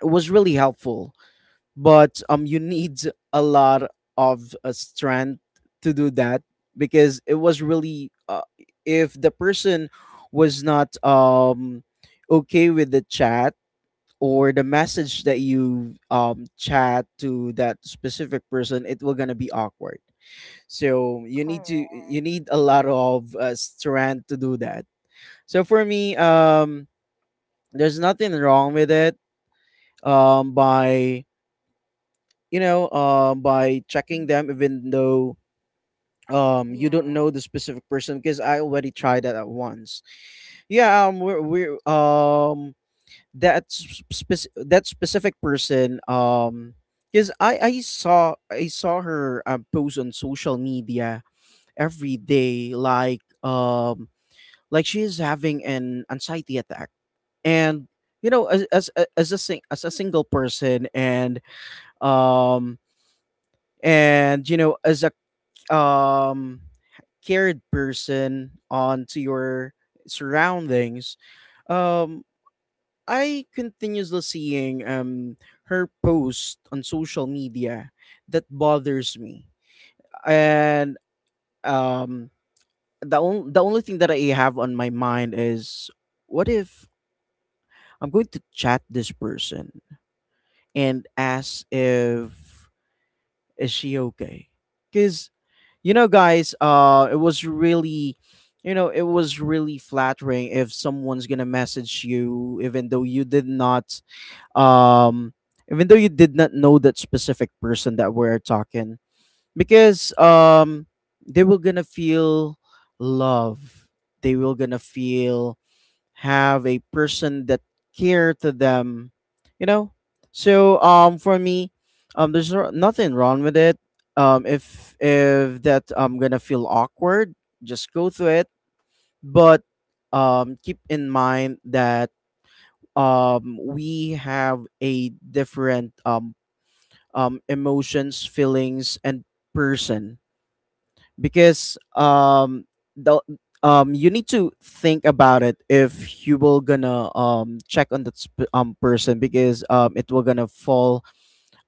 Speaker 3: it was really helpful. But um, you need a lot of uh, strength to do that because it was really uh, if the person was not um okay with the chat or the message that you um chat to that specific person it will gonna be awkward, so you need to
Speaker 1: Correct.
Speaker 3: you need a lot of uh, strength to do that. So for me, um there's nothing wrong with it, um by you know um by checking them, even though um you don't
Speaker 1: Yeah.
Speaker 3: know the specific person, because I already tried that at once. Yeah, um we're, we're um that s- spec- that specific person, um because I, I saw I saw her um, post on social media every day, like um like she is having an anxiety attack. And you know as as a- as a sing- as a single person, and um and you know, as a um cared person onto your surroundings, um I continuously seeing um her post on social media that bothers me. And um the only the only thing that I have on my mind is, what if I'm going to chat this person and ask if is she okay? Cuz you know guys, uh it was really, you know, it was really flattering if someone's going to message you, even though you did not um even though you did not know that specific person that we're talking, because um they were gonna feel love, they will gonna feel have a person that care to them, you know. So um for me, um there's no- nothing wrong with it. um if if that I'm gonna feel awkward, just go through it. But um keep in mind that um we have a different um um emotions, feelings, and person, because um the um you need to think about it if you will gonna um check on that sp- um person, because um it will gonna fall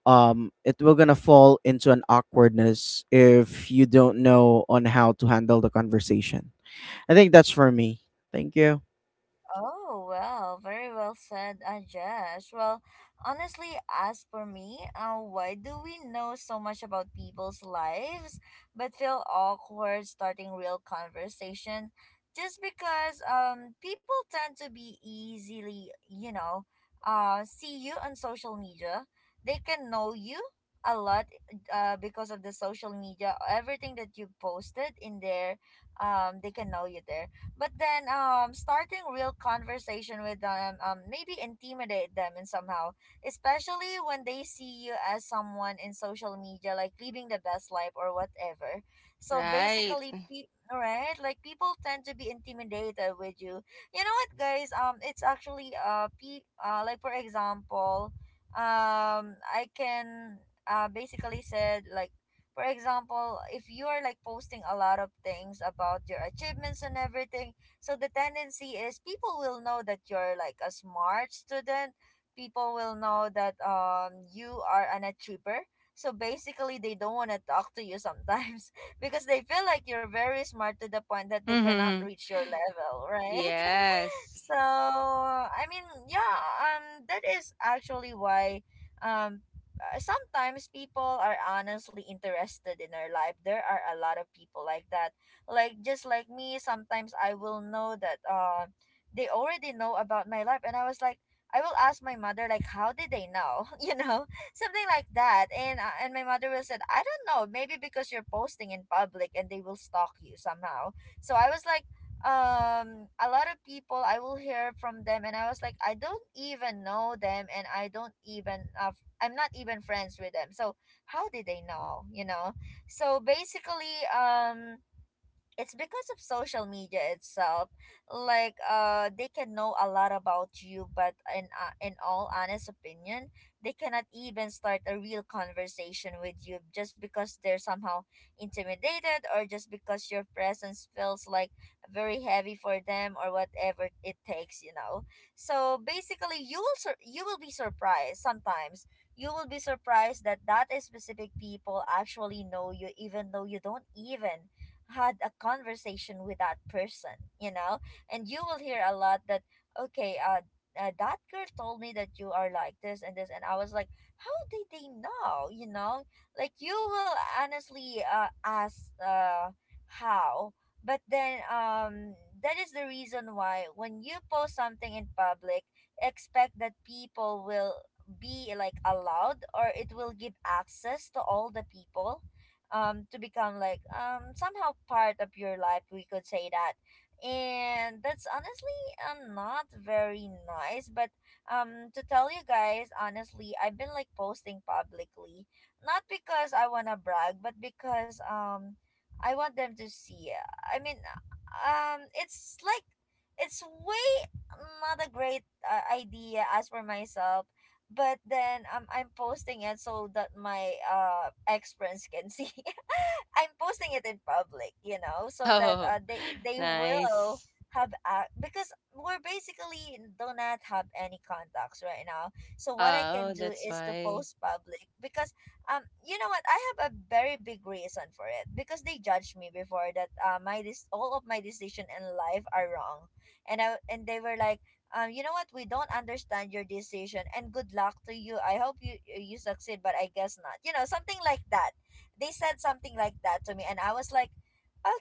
Speaker 3: um it will gonna fall into an awkwardness if you don't know on how to handle the conversation. I think that's for me. Thank you.
Speaker 1: Oh, well, very well said, Ajesh. Well, honestly, as for me, uh, why do we know so much about people's lives but feel awkward starting real conversation? Just because um people tend to be easily, you know, uh, see you on social media. They can know you a lot uh, because of the social media. Everything that you posted in there, um, they can know you there. But then um starting real conversation with them, um maybe intimidate them in somehow, especially when they see you as someone in social media like living the best life or whatever. So
Speaker 2: Right.
Speaker 1: basically, pe- right, like people tend to be intimidated with you. You know what, guys, um it's actually, uh, pe- uh like for example, um I can uh basically said like, for example, if you are like posting a lot of things about your achievements and everything, so the tendency is people will know that you're like a smart student. People will know that um you are an achiever. So basically, they don't want to talk to you sometimes because they feel like you're very smart to the point that they cannot reach your level, right?
Speaker 2: Yes.
Speaker 1: So I mean, yeah, um, that is actually why, um uh, sometimes people are honestly interested in our life. There are a lot of people like that. Like just like me, sometimes I will know that uh, they already know about my life, and I was like, I will ask my mother like, how did they know? you know, something like that. And uh, and my mother will said, I don't know, maybe because you're posting in public and they will stalk you somehow. So I was like, um a lot of people I will hear from them and I was like I don't even know them and I don't even uh, f- I'm not even friends with them. So how did they know you know So basically um it's because of social media itself. Like uh they can know a lot about you, but in uh, in all honest opinion, they cannot even start a real conversation with you just because they're somehow intimidated, or just because your presence feels like very heavy for them, or whatever it takes you know So basically you will sur- you will be surprised sometimes. You will be surprised that that specific people actually know you, even though you don't even had a conversation with that person, you know? And you will hear a lot that, okay, uh, uh, that girl told me that you are like this and this, and I was like, how did they know? You know, like you will honestly uh, ask uh, how. But then um, that is the reason why when you post something in public, expect that people will be like allowed, or it will give access to all the people um to become like um somehow part of your life, we could say that. And that's honestly um, not very nice. But um to tell you guys honestly, I've been like posting publicly, not because I want to brag, but because um I want them to see. i mean um it's like it's way not a great uh, idea as for myself. But then um I'm posting it so that my uh ex friends can see. I'm posting it in public, you know, so that
Speaker 2: Oh,
Speaker 1: uh they they will
Speaker 2: nice.
Speaker 1: have ac- because we're basically do not have any contacts right now. So what I can
Speaker 2: Oh,
Speaker 1: do
Speaker 2: that's
Speaker 1: is to
Speaker 2: why.
Speaker 1: post public. Because um you know what, I have a very big reason for it, because they judged me before that uh my this all of my decision in life are wrong. And I and they were like um, you know what? We don't understand your decision, and good luck to you. I hope you you succeed, but I guess not. You know, something like that. They said something like that to me, and I was like,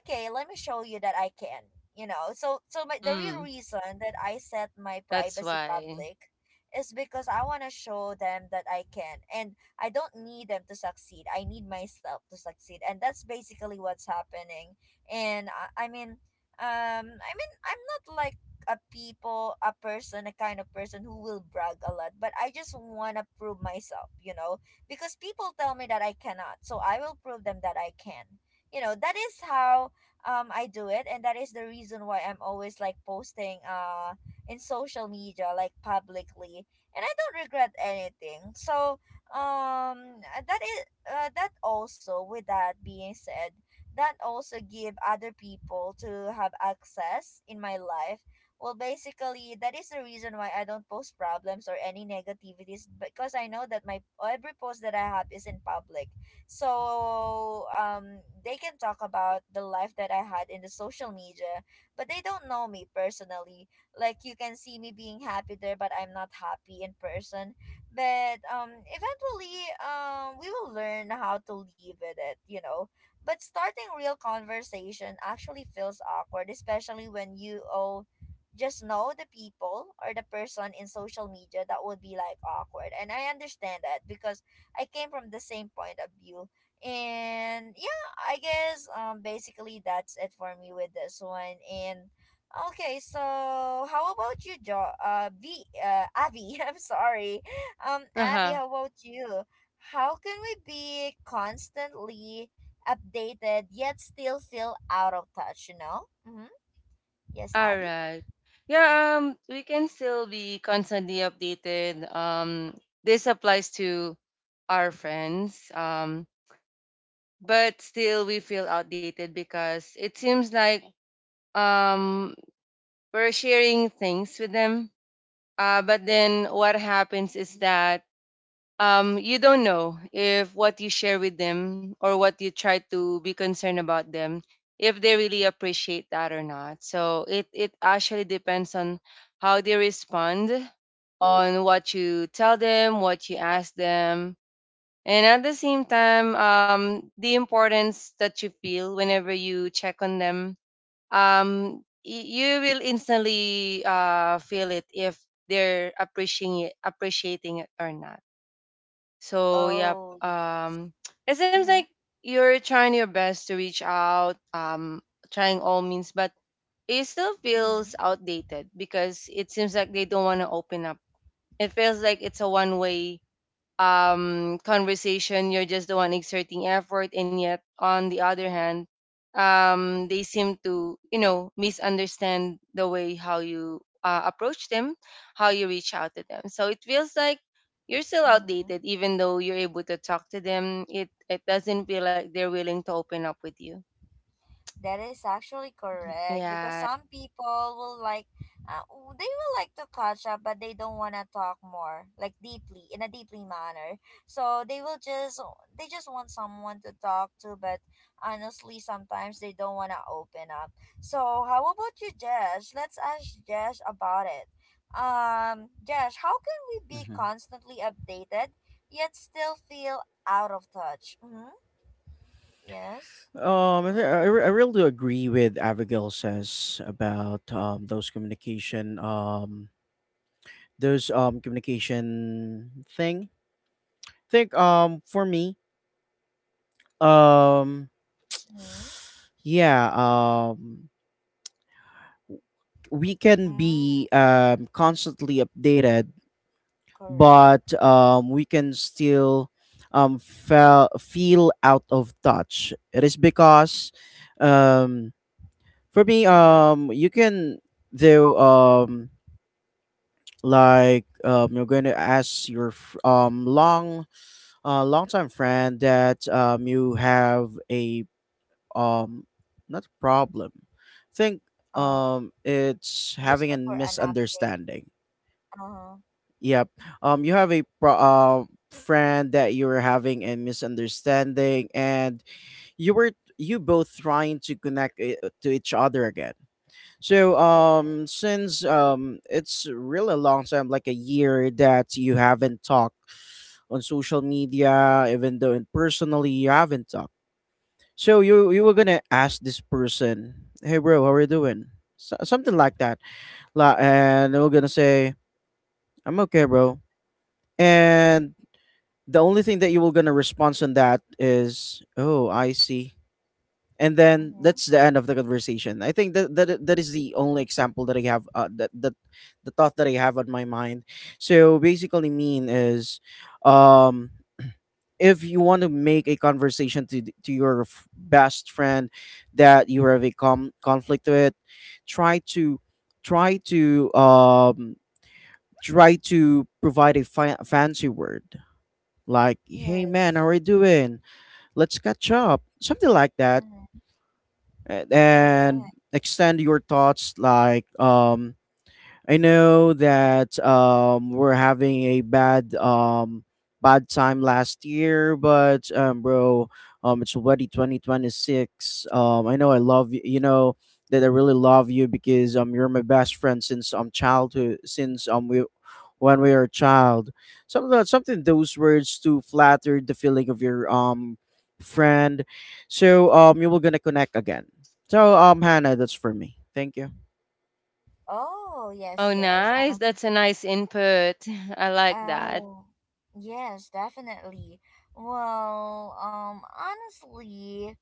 Speaker 1: okay, let me show you that I can. You know, so so my, the real
Speaker 2: Mm,
Speaker 1: reason that I set my
Speaker 2: that's
Speaker 1: privacy
Speaker 2: why.
Speaker 1: public is because I want to show them that I can. And I don't need them to succeed. I need myself to succeed, and that's basically what's happening. And I, I mean, um, I mean, I'm not like a people a person a kind of person who will brag a lot, but I just want to prove myself, you know, because people tell me that I cannot, so I will prove them that I can. You know, that is how um I do it, and that is the reason why I'm always like posting uh in social media like publicly, and I don't regret anything. So um that is uh, that also, with that being said, that also give other people to have access in my life. Well, basically, that is the reason why I don't post problems or any negativities, because I know that my every post that I have is in public. So, um, they can talk about the life that I had in the social media, but they don't know me personally. Like you can see me being happy there, but I'm not happy in person. But um, eventually, um, we will learn how to live with it. You know, but starting real conversation actually feels awkward, especially when you owe just know the people or the person in social media. That would be like awkward, and I understand that, because I came from the same point of view. And yeah, I guess um basically that's it for me with this one. And okay, so how about you, jo uh v uh Abby? I'm sorry. Um abby, how about you? How can we be constantly updated yet still feel out of touch you know Mm-hmm. Yes,
Speaker 2: All
Speaker 1: Abby.
Speaker 2: right. Yeah, um, we can still be constantly updated. Um, this applies to our friends. Um, but still we feel outdated because it seems like um we're sharing things with them. Uh, but then what happens is that um, you don't know if what you share with them or what you try to be concerned about them, if they really appreciate that or not. So it, it actually depends on how they respond, on what you tell them, what you ask them. And at the same time, um, the importance that you feel whenever you check on them, um, y- you will instantly uh, feel it if they're appreciating it, appreciating it or not. So yep.
Speaker 1: Oh.
Speaker 2: Um, it seems like
Speaker 1: Mm-hmm,
Speaker 2: you're trying your best to reach out, um, trying all means, but it still
Speaker 1: mm-hmm,
Speaker 2: feels outdated because it seems like they don't want to open up. It feels like it's a one way um, conversation. You're just the one exerting effort, and yet on the other hand, um, they seem to, you know, misunderstand the way how you uh, approach them, how you reach out to them. So it feels like you're still
Speaker 1: mm-hmm.
Speaker 2: outdated, even though you're able to talk to them. It it doesn't feel like they're willing to open up with you.
Speaker 1: That is actually correct, because
Speaker 2: Yeah.
Speaker 1: some people will like, uh, w- they will like to catch up, but they don't want to talk more, like deeply, in a deeply manner. So they will just, they just want someone to talk to, but honestly, sometimes they don't want to open up. So how about you, Jesh? Let's ask Jesh about it. Um, Jesh, how can we be
Speaker 3: Hmm.
Speaker 1: constantly updated yet still feel out of touch? Mm-hmm. Yes.
Speaker 3: Um, I, thi- I
Speaker 1: Mm,
Speaker 3: re- I really do agree with Abigail says about um those communication um those um communication thing. think um for me, um
Speaker 1: mm,
Speaker 3: yeah, um we can
Speaker 1: mm,
Speaker 3: be um constantly updated,
Speaker 1: correct.
Speaker 3: but um we can still um feel feel out of touch. It is because um
Speaker 1: Mm,
Speaker 3: for me, um, you can do um like um you're going to ask your fr- um long uh longtime friend that um you have a um not problem. think
Speaker 1: uh,
Speaker 3: um it's
Speaker 1: just
Speaker 3: having
Speaker 1: like
Speaker 3: a
Speaker 1: for an update.
Speaker 3: misunderstanding.
Speaker 1: Uh huh,
Speaker 3: Yep. Um, you have a pro- uh, friend that you're having a misunderstanding, and you were you both trying to connect it to each other again. So
Speaker 1: correct.
Speaker 3: um since um it's really a long time, like a year that you haven't talked on social media, even though in personally you haven't talked. So you you were
Speaker 1: Mm,
Speaker 3: gonna ask this person, hey bro, how are you doing? So, something like that. La- and they were gonna say, I'm okay, bro. And the only thing that you were gonna respond on that is, oh, I see. And then
Speaker 1: mm-hmm.
Speaker 3: that's the end of the conversation. I think that that, i- that is the only example that I have, uh, that, that the thought that I have on my mind. So basically mean is, um if you want to make a conversation to th- to your f- best friend that you have a com- conflict with, try to try to um try to provide a fa- fancy word, like hey man, how
Speaker 1: Yes.
Speaker 3: are you doing, let's catch up, something like that.
Speaker 1: Mm,
Speaker 3: A- and
Speaker 1: correct.
Speaker 3: extend your thoughts, like um I know that um, we're having a bad um, bad time last year, but um, bro, um, it's already twenty twenty-six. Um, I know I love you. You know that I really love you because um, you're my best friend since um childhood, since um we when we were a child. Some of that, something those words to flatter the feeling of your um friend. So um, you were gonna connect again. So um, Hannah, that's for me. Thank you.
Speaker 1: Oh,
Speaker 2: Oh,
Speaker 1: yes, yes.
Speaker 2: nice.
Speaker 1: Um,
Speaker 2: That's a nice input. I like that.
Speaker 1: oh, yes, definitely. Well, um, honestly,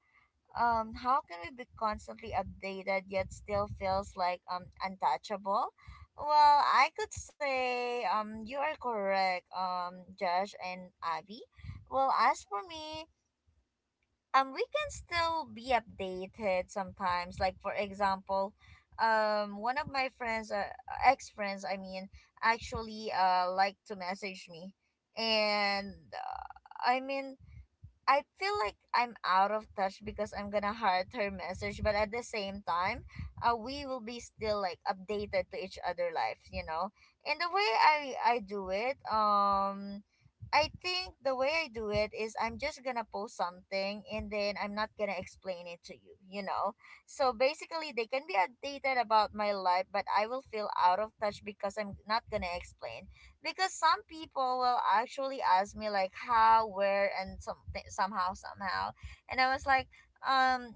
Speaker 1: um how can we be constantly updated yet still feels like um untouchable? Well, I could say um you are correct, um Josh and Abby. Well, as for me, um we can still be updated sometimes. Like for example, um one of my friends, uh, ex friends I mean, actually uh like to message me. And uh, I mean, I feel like I'm out of touch because I'm gonna heart her message, but at the same time, uh, we will be still like updated to each other life, you know. And the way I I do it, um, I think the way I do it is I'm just gonna post something and then I'm not gonna explain it to you, you know. So basically, they can be updated about my life, but I will feel out of touch because I'm not gonna explain, because some people will actually ask me like how, where, and something somehow somehow, and I was like, um,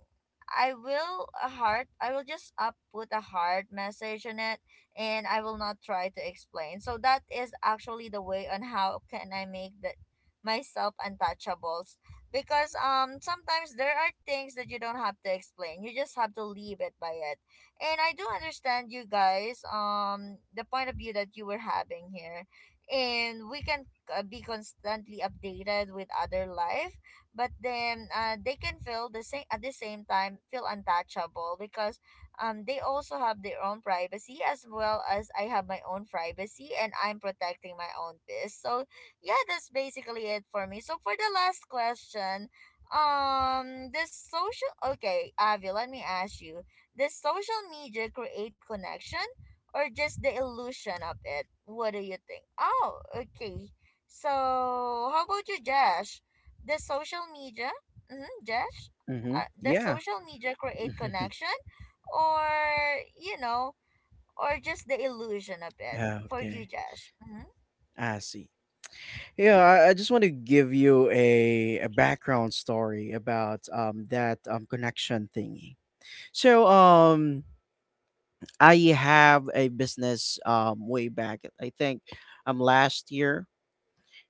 Speaker 1: I will a heart. I will just uh, put a heart message on it, and I will not try to explain. So that is actually the way on how can I make that myself untouchables, because um sometimes there are things that you don't have to explain, you just have to leave it by it. And I do understand you guys, um the point of view that you were having here. And we can uh, be constantly updated with other life, but then uh, they can feel the same, at the same time feel untouchable, because um they also have their own privacy, as well as I have my own privacy and I'm protecting my own peace. So yeah, that's basically it for me. So for the last question, um the social okay Avi, let me ask you, does social media create connection, or just the illusion of it? What do you think? Oh, okay. So, how about you, Josh? The social media, mm-hmm, Josh,
Speaker 3: Mm-hmm.
Speaker 1: uh, the
Speaker 3: Yeah.
Speaker 1: social media create connection, or you know, or just the illusion of it for you,
Speaker 3: okay.
Speaker 1: Josh? Mm-hmm.
Speaker 3: I see. Yeah, I, I just want to give you a a background story about um that um connection thingy. So um I have a business um way back, I think um last year.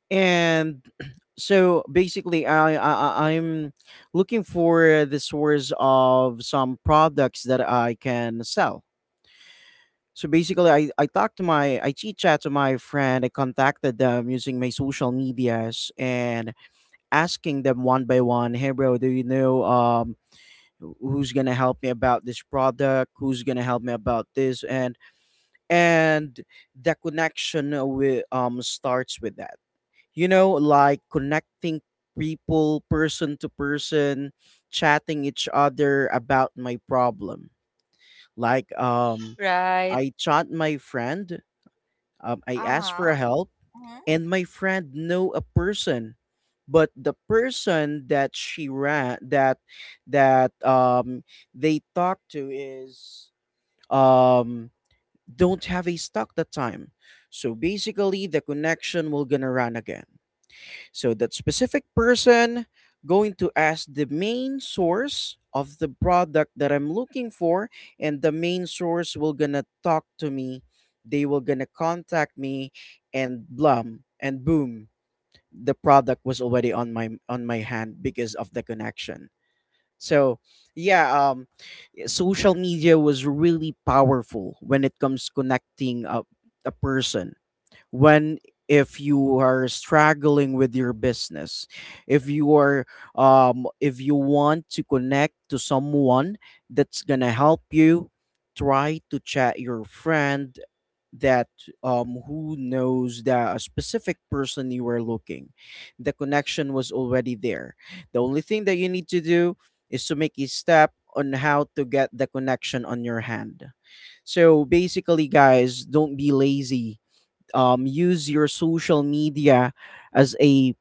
Speaker 3: And so basically, I, I I- I'm looking for the source of some products that I can sell. So basically, i i talked to my, I chit chat to my friend, I contacted them using my social medias and asking them one by one, hey bro, do you know um who- who's gonna help me about this product, who's gonna help me about this? And and the connection with um starts with that, you know, like connecting people, person to person, chatting each other about my problem. Like um
Speaker 2: Right.
Speaker 3: I chat my friend, um, I
Speaker 1: Uh
Speaker 3: ask for
Speaker 1: huh.
Speaker 3: help,
Speaker 1: Mm-hmm.
Speaker 3: and my friend know a person. But the person that she ran that that um they talk to is um don't have a stock that time. So basically the connection will gonna run again. So that specific person going to ask the main source of the product that I'm looking for, and the main source will gonna talk to me. They will gonna contact me, and blum and boom, the product was already on my on my hand because of the connection. So yeah, um yeah, social media was really powerful when it comes connecting a a person, when if you are struggling with your business, if you are um if you want to connect to someone that's gonna help you, try to chat your friend that um who knows that a specific person you are looking, the connection was already there. The only thing that you need to do is to make a step on how to get the connection on your hand. So basically guys, don't be lazy, um, use your social media as a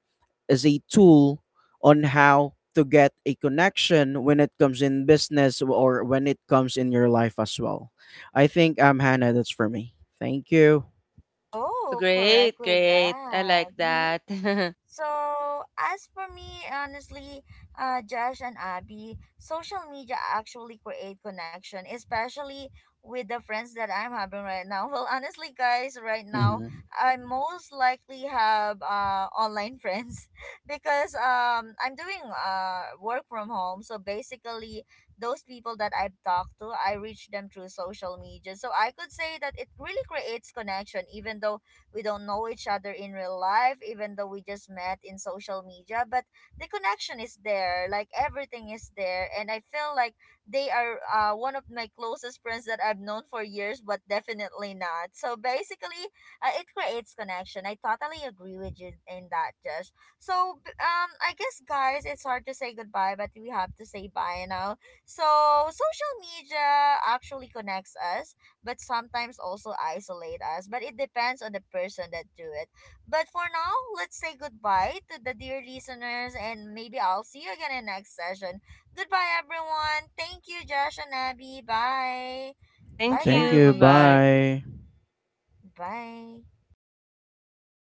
Speaker 3: as a tool on how to get a connection when it comes in business or when it comes in your life as well. I think um Hannah, that's for me. Thank you.
Speaker 1: Oh, correct
Speaker 2: Great,
Speaker 1: with
Speaker 2: great. I
Speaker 1: that.
Speaker 2: like
Speaker 1: Mm-hmm.
Speaker 2: that.
Speaker 1: So, as for me, honestly, uh, Josh and Abby, social media actually create connection, especially with the friends that I'm having right now. Well, honestly, guys, right now,
Speaker 3: Mhm.
Speaker 1: I most likely have uh, online friends because um, I'm doing uh, work from home. So, basically, those people that I've talked to, I reach them through social media. So, I could say that it really creates connection, even though we don't know each other in real life, even though we just met in social media. But the connection is there, like everything is there, and I feel like they are uh, one of my closest friends that I've known for years, but definitely not. So basically, uh, it creates connection. I totally agree with you in that, Josh. So b- um, I guess guys, it's hard to say goodbye, but we have to say bye now. So social media actually connects us, but sometimes also isolate us. But it depends on the person that do it. But for now, let's say goodbye to the dear listeners, and maybe I'll see you again in next session. Goodbye everyone. Thank you Josh and Abby. Bye.
Speaker 2: Thank
Speaker 1: Bye
Speaker 3: Thank
Speaker 2: you. Bye
Speaker 3: you.
Speaker 1: guys.
Speaker 2: bye.
Speaker 3: Bye.
Speaker 1: Bye.